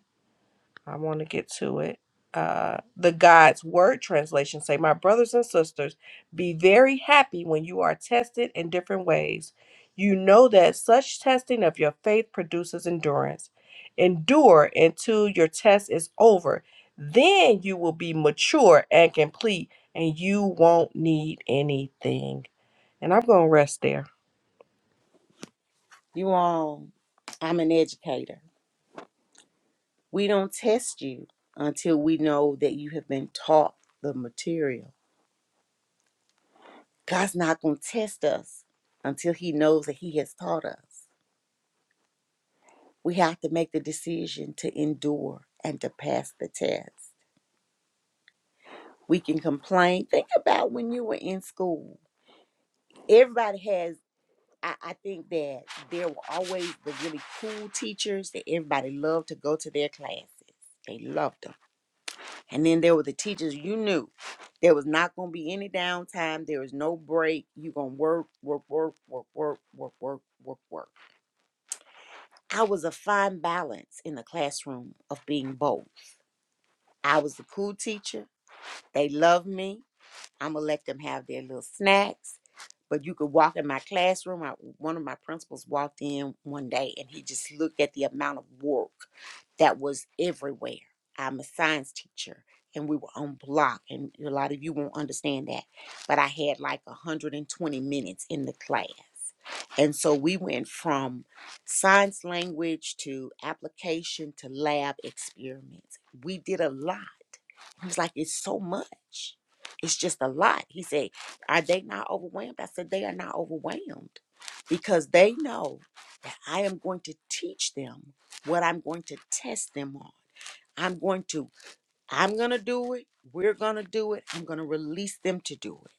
I want to get to it. Uh, the God's Word translation say, "My brothers and sisters, be very happy when you are tested in different ways. You know that such testing of your faith produces endurance. Endure until your test is over. Then you will be mature and complete, and you won't need anything." And I'm gonna rest there, You all, I'm an educator. We don't test you until we know that you have been taught the material. God's not going to test us until he knows that he has taught us. We have to make the decision to endure and to pass the test. We can complain. Think about when you were in school everybody has I, I think that there were always the really cool teachers that everybody loved to go to their classes. They loved them. And then there were the teachers you knew there was not going to be any downtime. There was no break. you going to work, work, work, work, work, work, work, work, work. I was a fine balance in the classroom of being both. I was the cool teacher. They loved me. I'm gonna let them have their little snacks. But you could walk in my classroom. I, one of my principals walked in one day and he just looked at the amount of work that was everywhere. I'm a science teacher and we were on block, and a lot of you won't understand that. But I had like 120 minutes in the class. And so we went from science language to application to lab experiments. We did a lot. He was like, it's so much. It's just a lot. He said, Are they not overwhelmed? I said, They are not overwhelmed because they know that I am going to teach them what I'm going to test them on. I'm going to, I'm going to do it. We're going to do it. I'm going to release them to do it.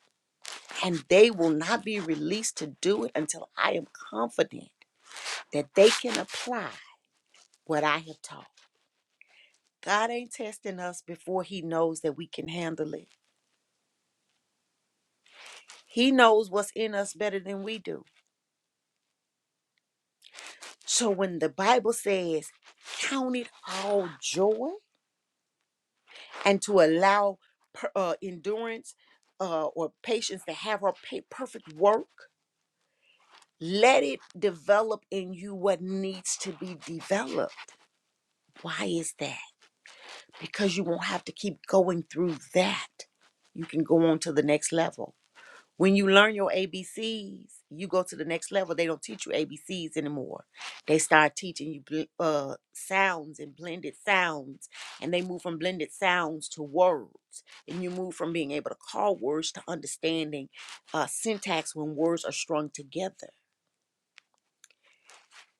And they will not be released to do it until I am confident that they can apply what I have taught. God ain't testing us before He knows that we can handle it. He knows what's in us better than we do. So when the Bible says, count it all joy and to allow per, uh, endurance uh, or patience to have our perfect work, let it develop in you what needs to be developed. Why is that? Because you won't have to keep going through that. You can go on to the next level When you learn your ABCs, you go to the next level. They don't teach you ABCs anymore. They start teaching you bl- uh, sounds and blended sounds, and they move from blended sounds to words. And you move from being able to call words to understanding uh, syntax when words are strung together.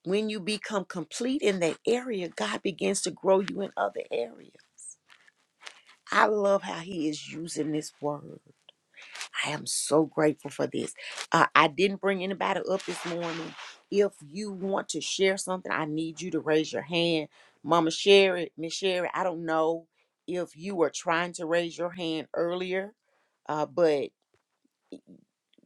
When you become complete in that area, God begins to grow you in other areas. I love how He is using this word. I am so grateful for this. Uh, I didn't bring anybody up this morning. If you want to share something, I need you to raise your hand. Mama Sherry, Miss Sherry, I don't know if you were trying to raise your hand earlier, uh, but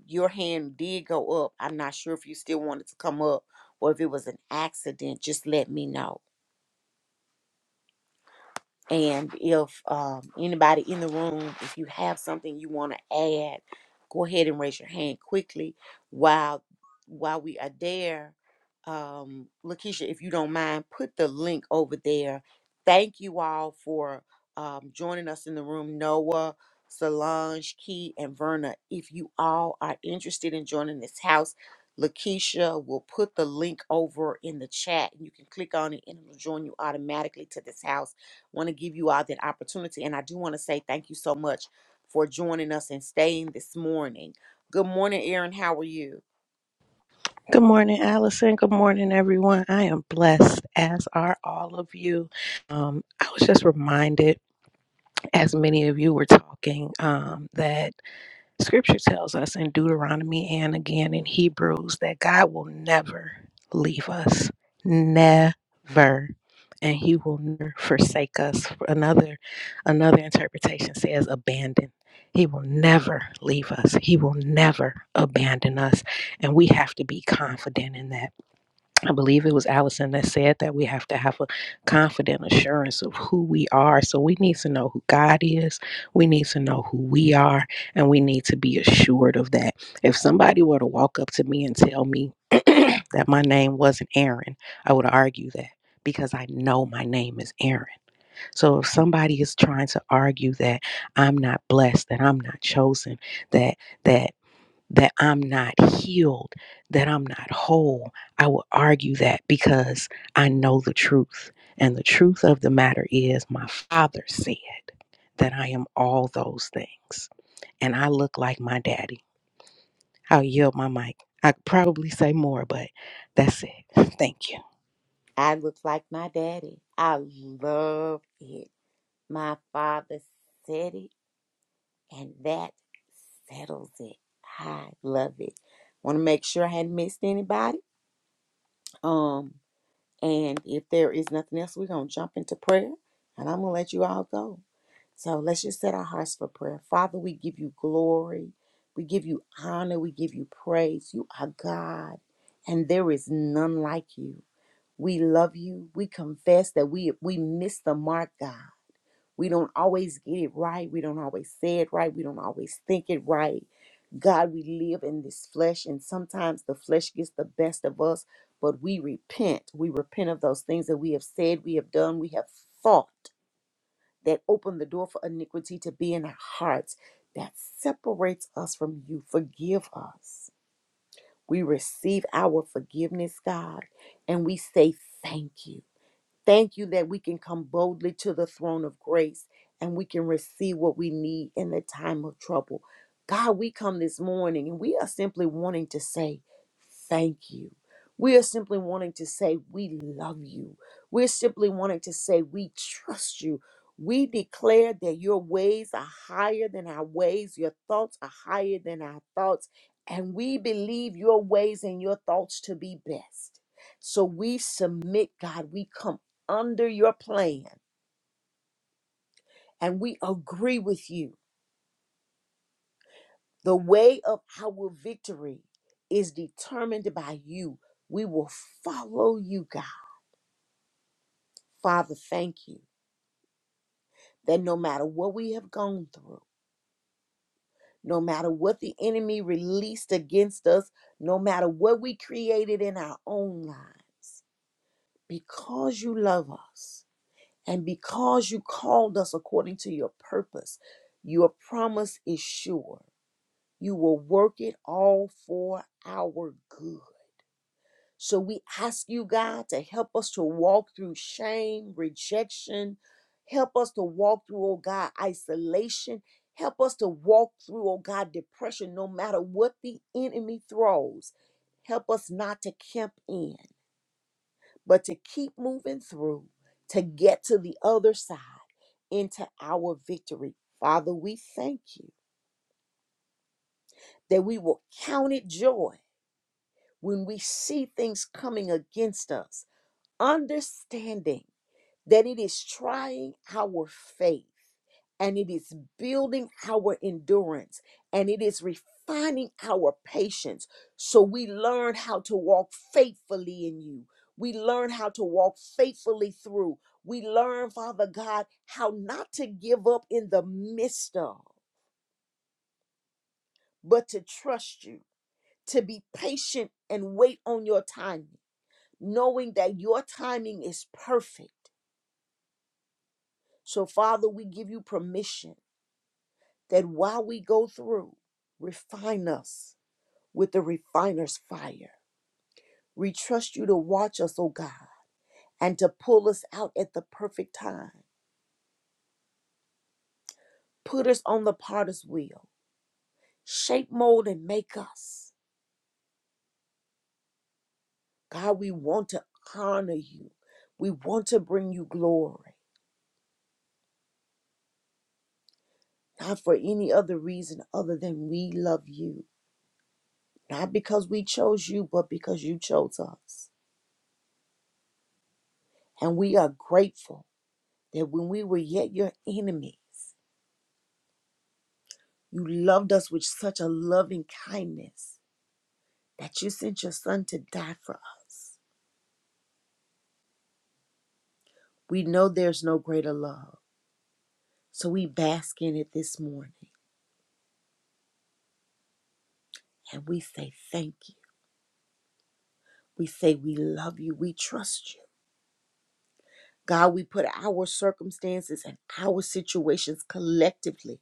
your hand did go up. I'm not sure if you still wanted to come up or if it was an accident. Just let me know. And if um, anybody in the room, if you have something you want to add, go ahead and raise your hand quickly while while we are there. Um, Lakeisha, if you don't mind, put the link over there. Thank you all for um, joining us in the room, Noah, Solange, Key, and Verna. If you all are interested in joining this house, Lakeisha will put the link over in the chat. You can click on it and it'll join you automatically to this house want to give you all that opportunity. And I do want to say thank you so much for joining us and staying this morning. Good morning, Aaron. How are you? Good morning, Allison. Good morning, everyone. I am blessed, as are all of you. Um, I was just reminded, as many of you were talking, um, that scripture tells us in Deuteronomy and again in Hebrews that God will never leave us. Never. And he will never forsake us. Another another interpretation says abandon. He will never leave us. He will never abandon us. And we have to be confident in that I believe it was Allison that said that we have to have a confident assurance of who we are. So we need to know who God is. We need to know who we are, and we need to be assured of that. If somebody were to walk up to me and tell me that my name wasn't Aaron, I would argue that because I know my name is Aaron. So if somebody is trying to argue that I'm not blessed, that I'm not chosen, that that that I'm not healed, that I'm not whole. I will argue that because I know the truth. And the truth of the matter is, my father said that I am all those things. And I look like my daddy. I'll yield my mic. I could probably say more, but that's it. Thank you. I look like my daddy. I love it. My father said it, and that settles it. I love it. Want to make sure I hadn't missed anybody. Um, and if there is nothing else, we're gonna jump into prayer, and I'm gonna let you all go. So let's just set our hearts for prayer. Father, we give you glory. We give you honor. We give you praise. You are God, and there is none like you. We love you. We confess that we we miss the mark, God. We don't always get it right. We don't always say it right. We don't always think it right. God, we live in this flesh, and sometimes the flesh gets the best of us, but we repent. We repent of those things that we have said, we have done, we have thought that open the door for iniquity to be in our hearts that separates us from you. Forgive us. We receive our forgiveness, God, and we say thank you. Thank you that we can come boldly to the throne of grace and we can receive what we need in the time of trouble. God, we come this morning and we are simply wanting to say thank you. We are simply wanting to say we love you. We're simply wanting to say we trust you. We declare that your ways are higher than our ways, your thoughts are higher than our thoughts, and we believe your ways and your thoughts to be best. So we submit, God. We come under your plan. And we agree with you. The way of our victory is determined by you. We will follow you, God. Father, thank you that no matter what we have gone through, no matter what the enemy released against us, no matter what we created in our own lives, because you love us and because you called us according to your purpose, your promise is sure You will work it all for our good. So we ask you, God, to help us to walk through shame, rejection. Help us to walk through, oh God, isolation. Help us to walk through, oh God, depression, no matter what the enemy throws. Help us not to camp in, but to keep moving through to get to the other side into our victory. Father, we thank you that we will count it joy when we see things coming against us, understanding that it is trying our faith and it is building our endurance and it is refining our patience so we learn how to walk faithfully in you. We learn how to walk faithfully through. We learn, Father God, how not to give up in the midst of, but to trust you, to be patient and wait on your timing knowing that your timing is perfect. So, Father, we give you permission that while we go through, refine us with the refiner's fire. We trust you to watch us, oh God, and to pull us out at the perfect time. Put us on the potter's wheel. Shape, mold, and make us. God, we want to honor you. We want to bring you glory, not for any other reason other than we love you. not because we chose you, but because you chose us. And we are grateful that when we were yet your enemies, you loved us with such a loving kindness that you sent your son to die for us. We know there's no greater love. So we bask in it this morning and we say thank you. We say we love you. We trust you. God, we put our circumstances and our situations collectively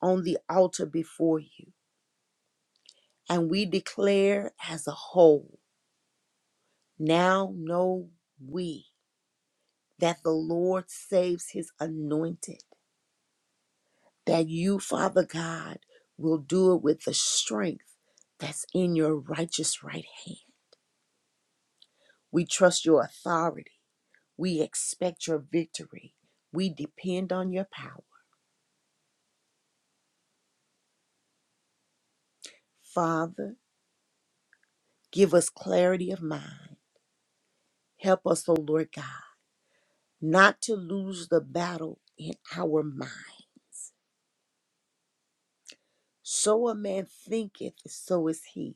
on the altar before you. And we declare as a whole, now know we that the Lord saves his anointed, that you, Father God, will do it with the strength that's in your righteous right hand. We trust your authority. We expect your victory. We depend on your power. Father, give us clarity of mind. Help us, O Lord God, not to lose the battle in our mind So a man thinketh, so is he.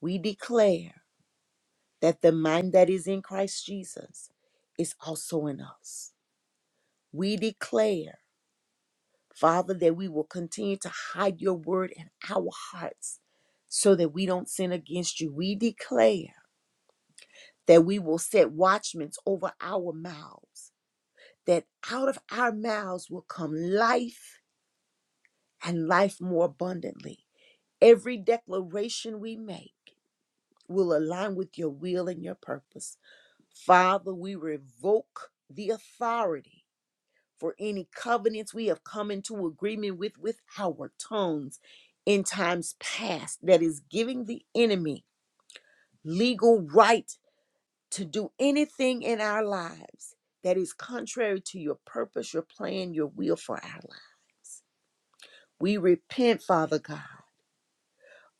We declare that the mind that is in Christ Jesus is also in us. We declare, Father, that we will continue to hide your word in our hearts so that we don't sin against you. We declare that we will set watchmen over our mouths, that out of our mouths will come life and life more abundantly. Every declaration we make, will align with your will and your purpose. Father, we revoke the authority for any covenants we have come into agreement with with our tongues in times past that is giving the enemy legal right to do anything in our lives that is contrary to your purpose, your plan, your will for our lives. We repent, Father God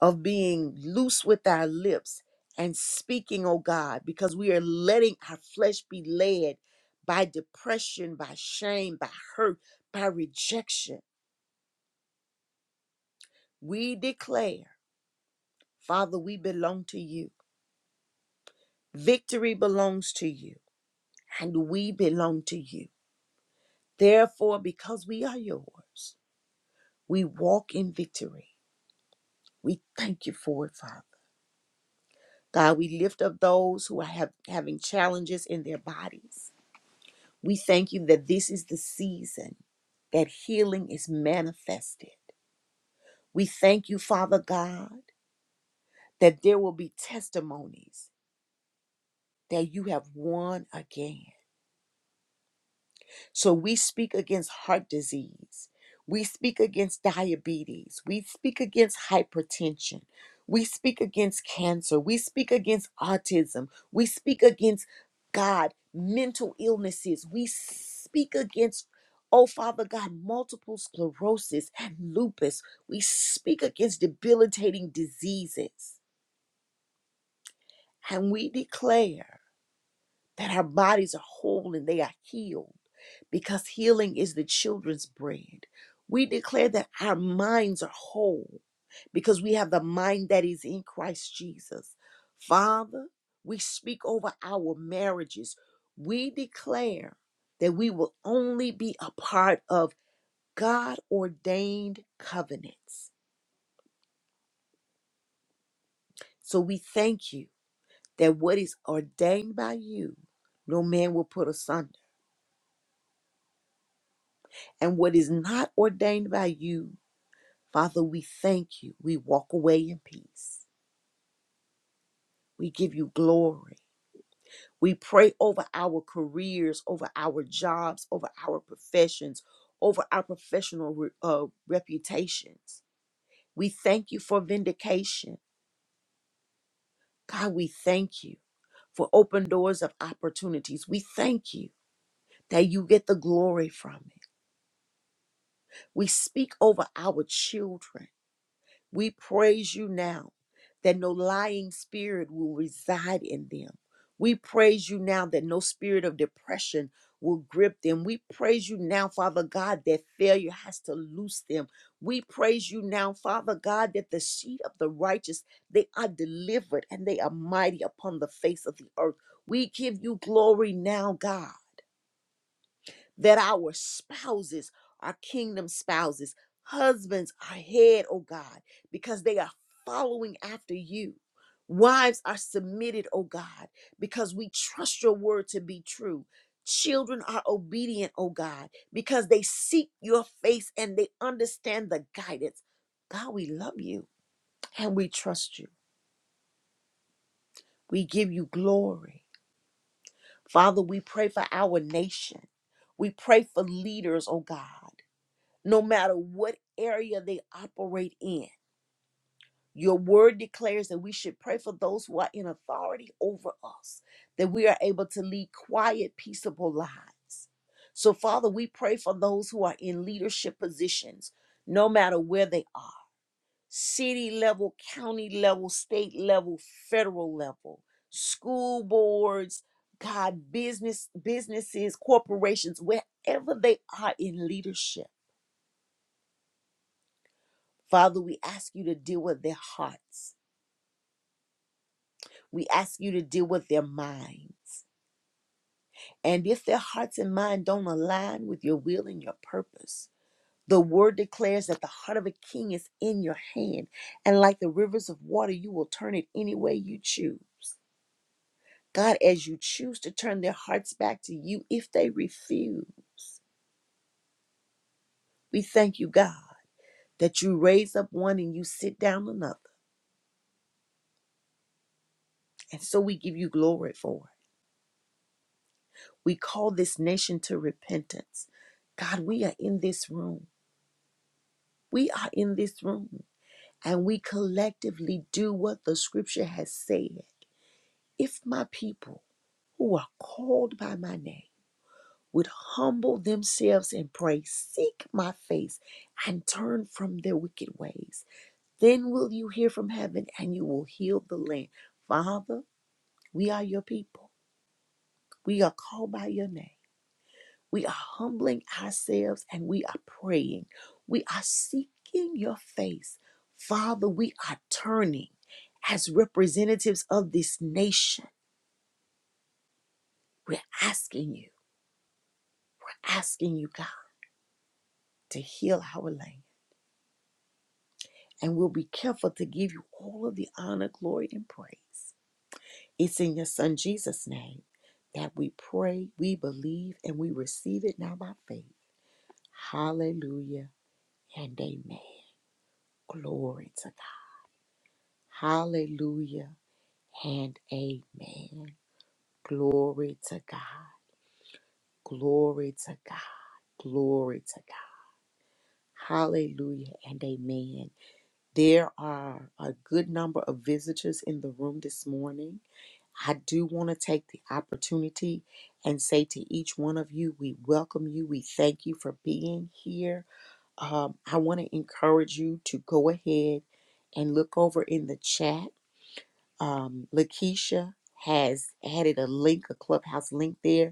of being loose with our lips and speaking, oh God, because we are letting our flesh be led by depression, by shame, by hurt, by rejection. We declare, Father, we belong to you. Victory belongs to you, and we belong to you. Therefore, because we are yours, we walk in victory. We thank you for it, Father. God, we lift up those who are have, having challenges in their bodies. We thank you that this is the season that healing is manifested. We thank you, Father God, that there will be testimonies that you have won again. So we speak against heart disease. We speak against diabetes. We speak against hypertension. We speak against cancer. We speak against autism. We speak against God, mental illnesses. We speak against, oh Father God, multiple sclerosis and lupus. We speak against debilitating diseases. And we declare that our bodies are whole and they are healed because healing is the children's bread. We declare that our minds are whole because we have the mind that is in Christ Jesus. Father, we speak over our marriages. We declare that we will only be a part of God ordained covenants. So we thank you that what is ordained by you, no man will put asunder. And what is not ordained by you, Father, we thank you. We walk away in peace. We give you glory. We pray over our careers, over our jobs, over our professions, over our professional uh, reputations. We thank you for vindication. God, we thank you for open doors of opportunities. We thank you that you get the glory from it. We speak over our children. We praise you now that no lying spirit will reside in them. We praise you now that no spirit of depression will grip them. We praise you now, Father God, that failure has to loose them. We praise you now, Father God, that the seed of the righteous, they are delivered and they are mighty upon the face of the earth. We give you glory now, God that our spouses our kingdom spouses. Husbands are head, oh God, because they are following after you. Wives are submitted, oh God, because we trust your word to be true. Children are obedient, oh God, because they seek your face and they understand the guidance. God, we love you and we trust you. We give you glory. Father, we pray for our nation. We pray for leaders, oh God. no matter what area they operate in. Your word declares that we should pray for those who are in authority over us, that we are able to lead quiet, peaceable lives. So, Father, we pray for those who are in leadership positions, no matter where they are city level, county level, state level, federal level, school boards, God, business, businesses, corporations, wherever they are in leadership. Father, we ask you to deal with their hearts. We ask you to deal with their minds. And if their hearts and mind don't align with your will and your purpose, the word declares that the heart of a king is in your hand. And like the rivers of water, you will turn it any way you choose. God, as you choose to turn their hearts back to you, if they refuse, we thank you, God, that you raise up one and you sit down another. And so we give you glory for it. We call this nation to repentance. God, we are in this room. We are in this room. And we collectively do what the scripture has said. If my people who are called by my name would humble themselves and pray, seek my face, and turn from their wicked ways, then will you hear from heaven and you will heal the land. Father, we are your people. We are called by your name. We are humbling ourselves and we are praying. We are seeking your face. Father, we are turning as representatives of this nation. We're asking you, we're asking you, God, to heal our land. And we'll be careful to give you all of the honor, glory, and praise. It's in your Son Jesus' name that we pray, we believe, and we receive it now by faith. Hallelujah and amen. Glory to God. Hallelujah and amen. Glory to God. Glory to God. Glory to God. Hallelujah and amen. There are a good number of visitors in the room this morning. I do want to take the opportunity and say to each one of you, we welcome you. We thank you for being here. Um, I want to encourage you to go ahead and look over in the chat. Um, Lakeisha has added a link, a clubhouse link there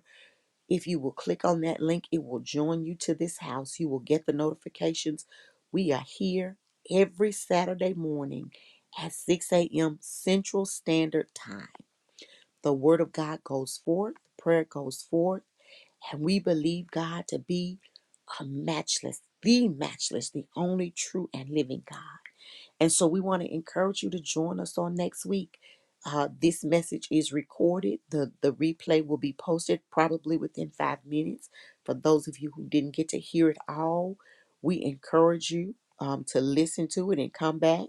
If you will click on that link, it will join you to this house. You will get the notifications. We are here every Saturday morning at 6 a.m. Central Standard Time. The Word of God goes forth, prayer goes forth, and we believe God to be a matchless, the matchless, the only true and living God. And so we want to encourage you to join us on next week. Uh, this message is recorded. The, the replay will be posted probably within five minutes. For those of you who didn't get to hear it all, we encourage you um, to listen to it and come back.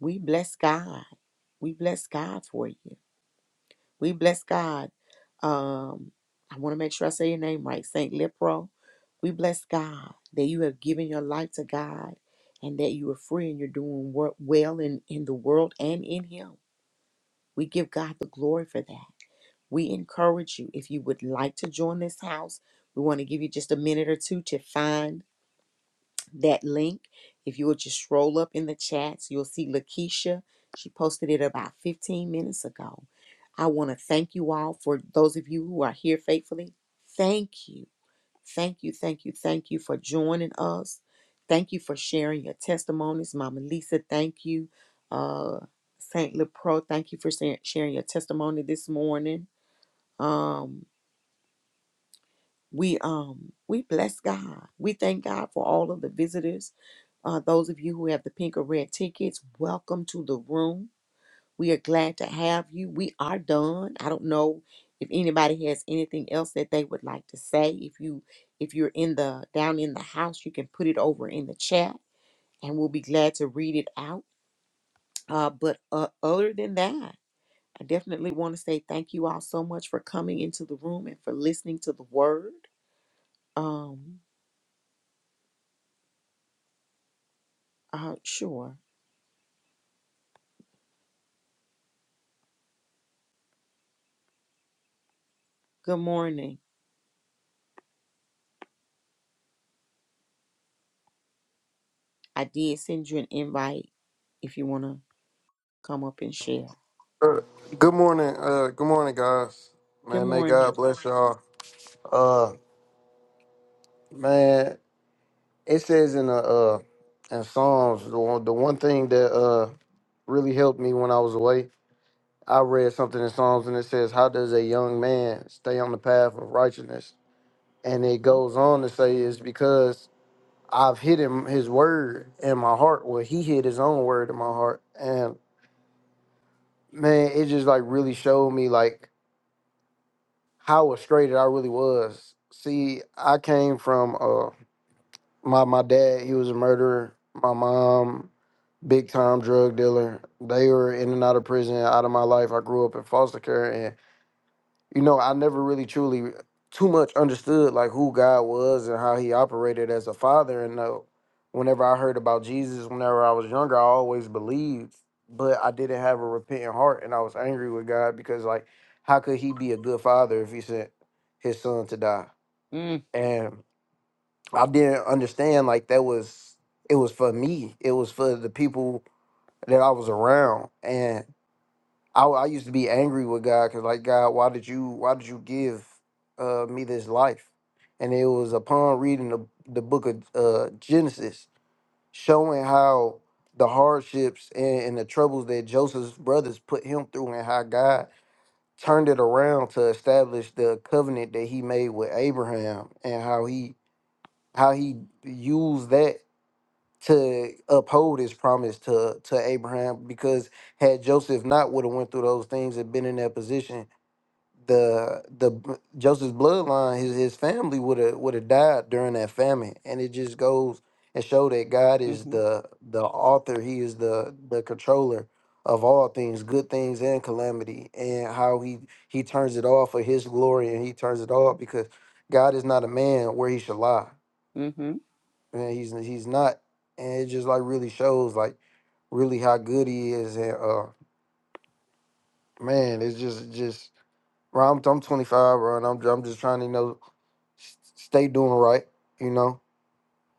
We bless God. We bless God for you. We bless God. Um, I want to make sure I say your name right, Saint Lipro. We bless God that you have given your life to God and that you are free and you're doing wor- well in, in the world and in Him. We give God the glory for that. We encourage you. If you would like to join this house, we want to give you just a minute or two to find that link. If you will just scroll up in the chats, you'll see Lakeisha. She posted it about 15 minutes ago. I want to thank you all for those of you who are here faithfully. Thank you. Thank you, thank you, thank you for joining us. Thank you for sharing your testimonies. Mama Lisa, thank you. Uh, Saint LePro, thank you for sa- sharing your testimony this morning. Um, we um we bless God. We thank God for all of the visitors uh, those of you who have the pink or red tickets, welcome to the room. We are glad to have you. We are done. I don't know if anybody has anything else that they would like to say. If you if you're in the down in the house, you can put it over in the chat, and we'll be glad to read it out. Uh, but uh, other than that, I definitely want to say thank you all so much for coming into the room and for listening to the word. Um, uh, sure. Good morning. I did send you an invite if you want to come up and share. Uh, good morning. Uh, good morning, guys. Good Man, may God morning. bless y'all. Uh, man, it says in the uh in Psalms the one, the one thing that uh really helped me when I was away. I read something in Psalms and it says, "How does a young man stay on the path of righteousness?" And it Mm-hmm. goes on to say, "It's because I've hid him his word in my heart. Well, he hid his own word in my heart." And man, it just like really showed me like how frustrated I really was. See, I came from uh my my dad, he was a murderer. My mom, big time drug dealer. They were in and out of prison, out of my life. I grew up in foster care you know, I never really truly too much understood like who God was and how he operated as a father. And uh, whenever I heard about Jesus, whenever I was younger, I always believed, but I didn't have a repentant heart and I was angry with God because like how could he be a good father if he sent his son to die? Mm-hmm. And I didn't understand like that was it was for me. It was for the people that I was around. And I, I used to be angry with God because like God, why did you why did you give uh, me this life? And it was upon reading the the book of uh, Genesis, showing how the hardships and, and the troubles that Joseph's brothers put him through, and how God turned it around to establish the covenant that He made with Abraham, and how He how He used that to uphold his promise to to Abraham because had Joseph not would have went through those things and been in that position, the the b- Joseph's bloodline, his his family would have would have died during that famine. And it just goes and show that God is Mm-hmm. the the author, he is the the controller of all things, good things and calamity, and how he he turns it all for his glory and he turns it all because God is not a man where he should lie Mm-hmm. and he's he's not, and it just like really shows like really how good he is, and uh, man, it's just just bro, I'm I'm 25, bro, and I'm I'm just trying to you know s- stay doing right, you know.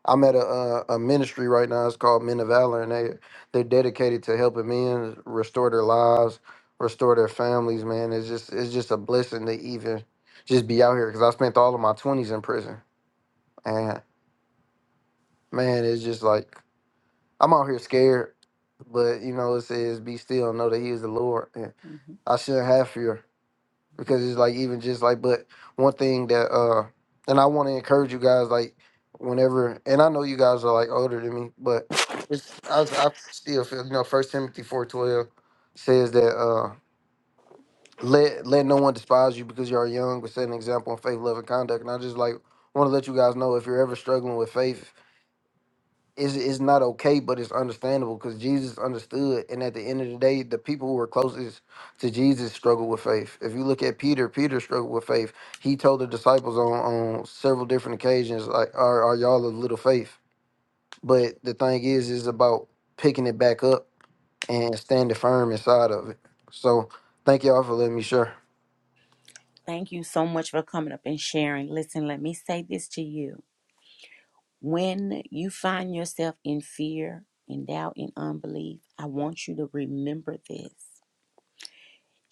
I'm at a, a a ministry right now. It's called Men of Valor, and they they're dedicated to helping men restore their lives, restore their families. Man, it's just it's just a blessing to even just be out here because I spent all of my 20s in prison, and man, it's just like I'm out here scared, but you know, it says, "Be still and know that He is the Lord." And Mm-hmm. I shouldn't have fear because it's like even just like, but one thing that uh, and I want to encourage you guys like whenever, and I know you guys are like older than me, but it's I, s- I still feel you know First Timothy four twelve says that uh, let let no one despise you because you are young, but set an example in faith, love, and conduct. And I just like want to let you guys know if you're ever struggling with faith is is not okay, but it's understandable because Jesus understood. And at the end of the day, the people who were closest to Jesus struggled with faith. If you look at Peter, Peter struggled with faith. He told the disciples on, on several different occasions, like, are, are y'all of little faith? But the thing is, is about picking it back up and standing firm inside of it. So thank y'all for letting me share. Thank you so much for coming up and sharing. Listen, let me say this to you. When you find yourself in fear, in doubt, in unbelief, I want you to remember this.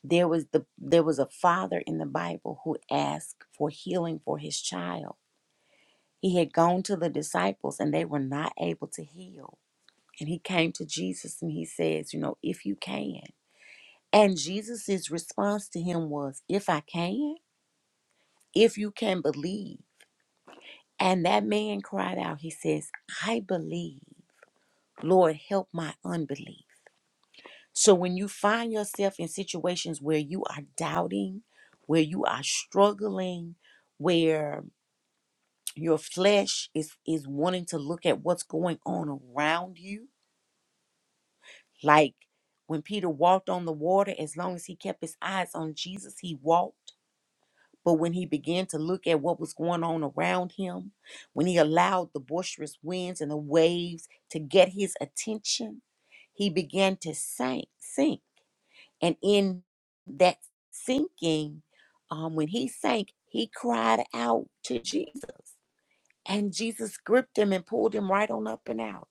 There was the there was a father in the Bible who asked for healing for his child. He had gone to the disciples and they were not able to heal. And he came to Jesus and he says, you know, if you can. And Jesus' response to him was, If I can, if you can believe. And that man cried out, He says, I believe. Lord, help my unbelief. So when you find yourself in situations where you are doubting, where you are struggling, where your flesh is, is wanting to look at what's going on around you, like when Peter walked on the water, as long as he kept his eyes on Jesus, he walked. But when he began to look at what was going on around him, when he allowed the boisterous winds and the waves to get his attention, he began to sink, sink. And in that sinking, um, when he sank, he cried out to Jesus. And Jesus gripped him and pulled him right on up and out.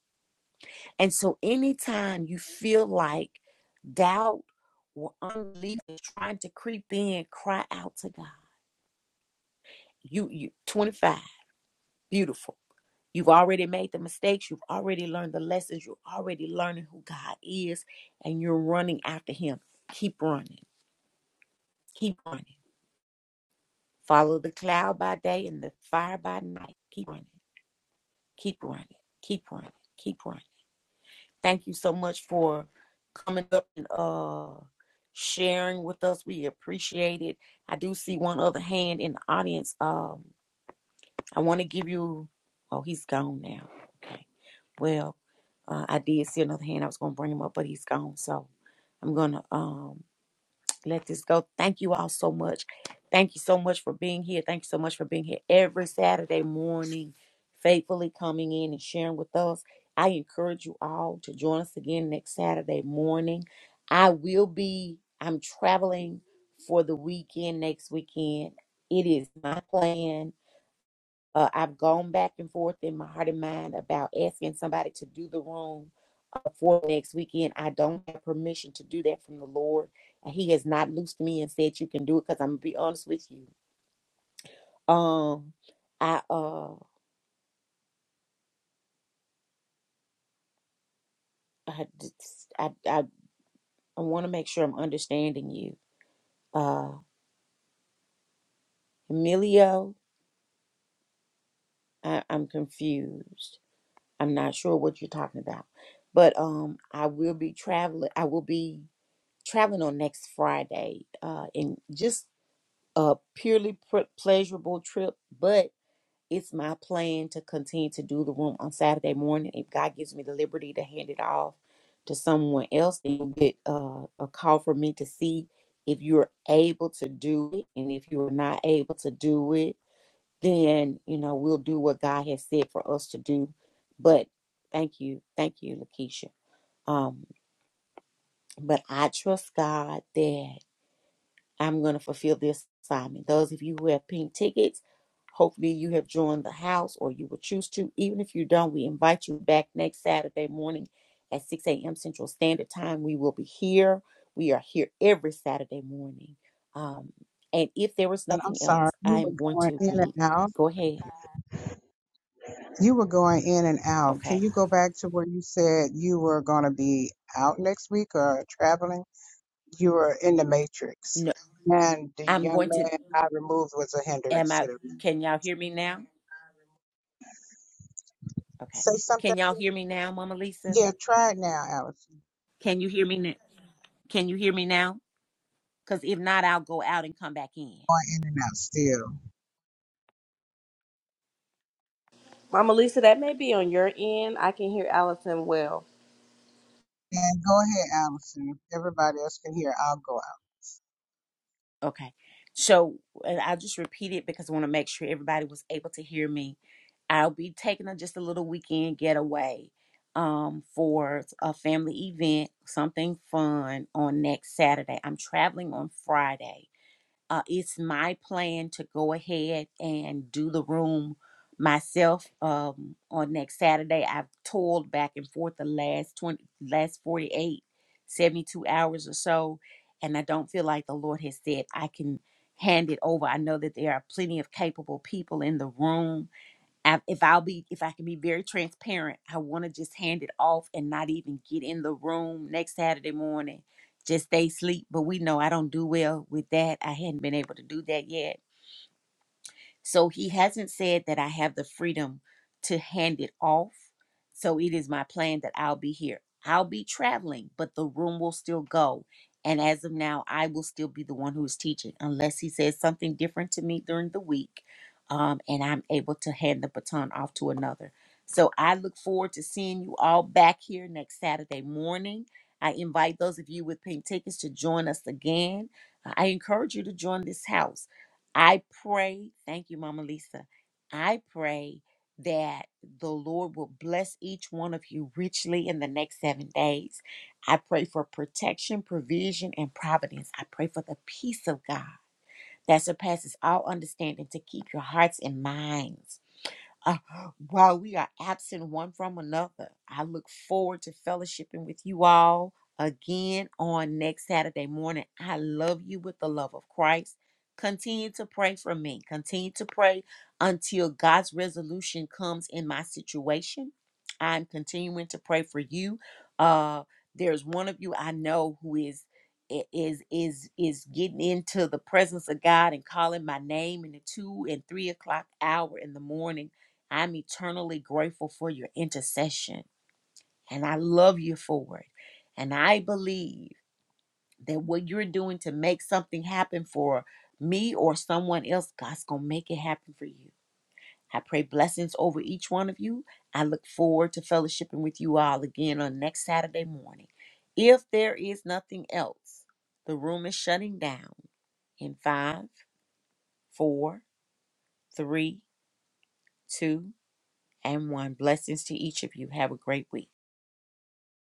And so anytime you feel like doubt or unbelief is trying to creep in, cry out to God. You you 25. Beautiful. You've already made the mistakes. You've already learned the lessons. You're already learning who God is, and you're running after Him. Keep running. Keep running. Follow the cloud by day and the fire by night. Keep running. Keep running. Keep running. Keep running. Thank you so much for coming up and uh sharing with us. We appreciate it. I do see one other hand in the audience. Um, I want to give you. Oh, he's gone now. Okay. Well, uh, I did see another hand. I was going to bring him up, but he's gone. So I'm going to um, let this go. Thank you all so much. Thank you so much for being here. Thank you so much for being here every Saturday morning, faithfully coming in and sharing with us. I encourage you all to join us again next Saturday morning. I will be, I'm traveling for the weekend next weekend. It is my plan uh, I've gone back and forth in my heart and mind about asking somebody to do the room uh, for next weekend. I don't have permission to do that from the Lord. And He has not loosed me and said you can do it because I'm gonna be honest with you. Um, I uh, I I I, I want to make sure I'm understanding you, uh, Emilio. I, I'm confused. I'm not sure what you're talking about, but um, I will be traveling. I will be. traveling on next Friday, uh, and just a purely pr- pleasurable trip. But it's my plan to continue to do the room on Saturday morning. If God gives me the liberty to hand it off to someone else, then you'll get uh, a call from me to see if you're able to do it, and if you're not able to do it, then you know we'll do what God has said for us to do. But thank you, thank you, Lakeisha. Um, but I trust God that. I'm going to fulfill this assignment. Those of you who have pink tickets, hopefully you have joined the house or you will choose to. Even if you don't, we invite you back next Saturday morning at 6 a.m. Central Standard Time. We will be here. We are here every Saturday morning. Um, and if there was And I'm nothing sorry, else, you I were am going going to in and read. out. Go ahead. You were going in and out. Can Okay. you go back to where you said you were going to be out next week or traveling? You were in the matrix. No, And the I'm young going to. man I removed was a Am hindrance I? to the Can y'all hear me now? Okay. Say something. Can y'all hear me now, Mama Lisa? Yeah, try it now, Alex. Can you hear me now? Can you hear me now? Because if not, I'll go out and come back in. Going in and out still. Mama Lisa. That may be on your end. I can hear Allison well. And go ahead, Allison. Everybody else can hear. I'll go. Okay. So and I'll just repeat it because I want to make sure everybody was able to hear me. I'll be taking a, just a little weekend getaway um, for a family event, something fun on next Saturday. I'm traveling on Friday Uh, it's my plan to go ahead and do the room myself um, on next Saturday. I've toiled back and forth the last 20, last 48, 72 hours or so, and I don't feel like the Lord has said I can hand it over. I know that there are plenty of capable people in the room I- if I'll be if I can be very transparent, I want to just hand it off and not even get in the room next Saturday morning. Just stay asleep. But we know I don't do well with that. I hadn't been able to do that yet so he hasn't said that I have the freedom to hand it off. So it is my plan that I'll be here. I'll be traveling, but the room will still go. And as of now, I will still be the one who is teaching, unless he says something different to me during the week um, and I'm able to hand the baton off to another. So I look forward to seeing you all back here next Saturday morning. I invite those of you with pink tickets to join us again. I encourage you to join this house. I pray, thank you, Mama Lisa. I pray that the Lord will bless each one of you richly in the next seven days. I pray for protection, provision, and providence. I pray for the peace of God that surpasses all understanding to keep your hearts and minds uh, while we are absent one from another. I look forward to fellowshipping with you all again on next Saturday morning. I love you with the love of Christ. Continue to pray for me. Continue to pray until God's resolution comes in my situation. I'm continuing to pray for you. Uh, there's one of you I know who is i- is is is getting into the presence of God and calling my name in the two and three o'clock hour in the morning I'm eternally grateful for your intercession, and I love you for it. And I believe that what you're doing to make something happen for me or someone else, God's going to make it happen for you. I pray blessings over each one of you. I look forward to fellowshipping with you all again on next Saturday morning. If there is nothing else, the room is shutting down in five, four, three, two, and one. Blessings to each of you. Have a great week.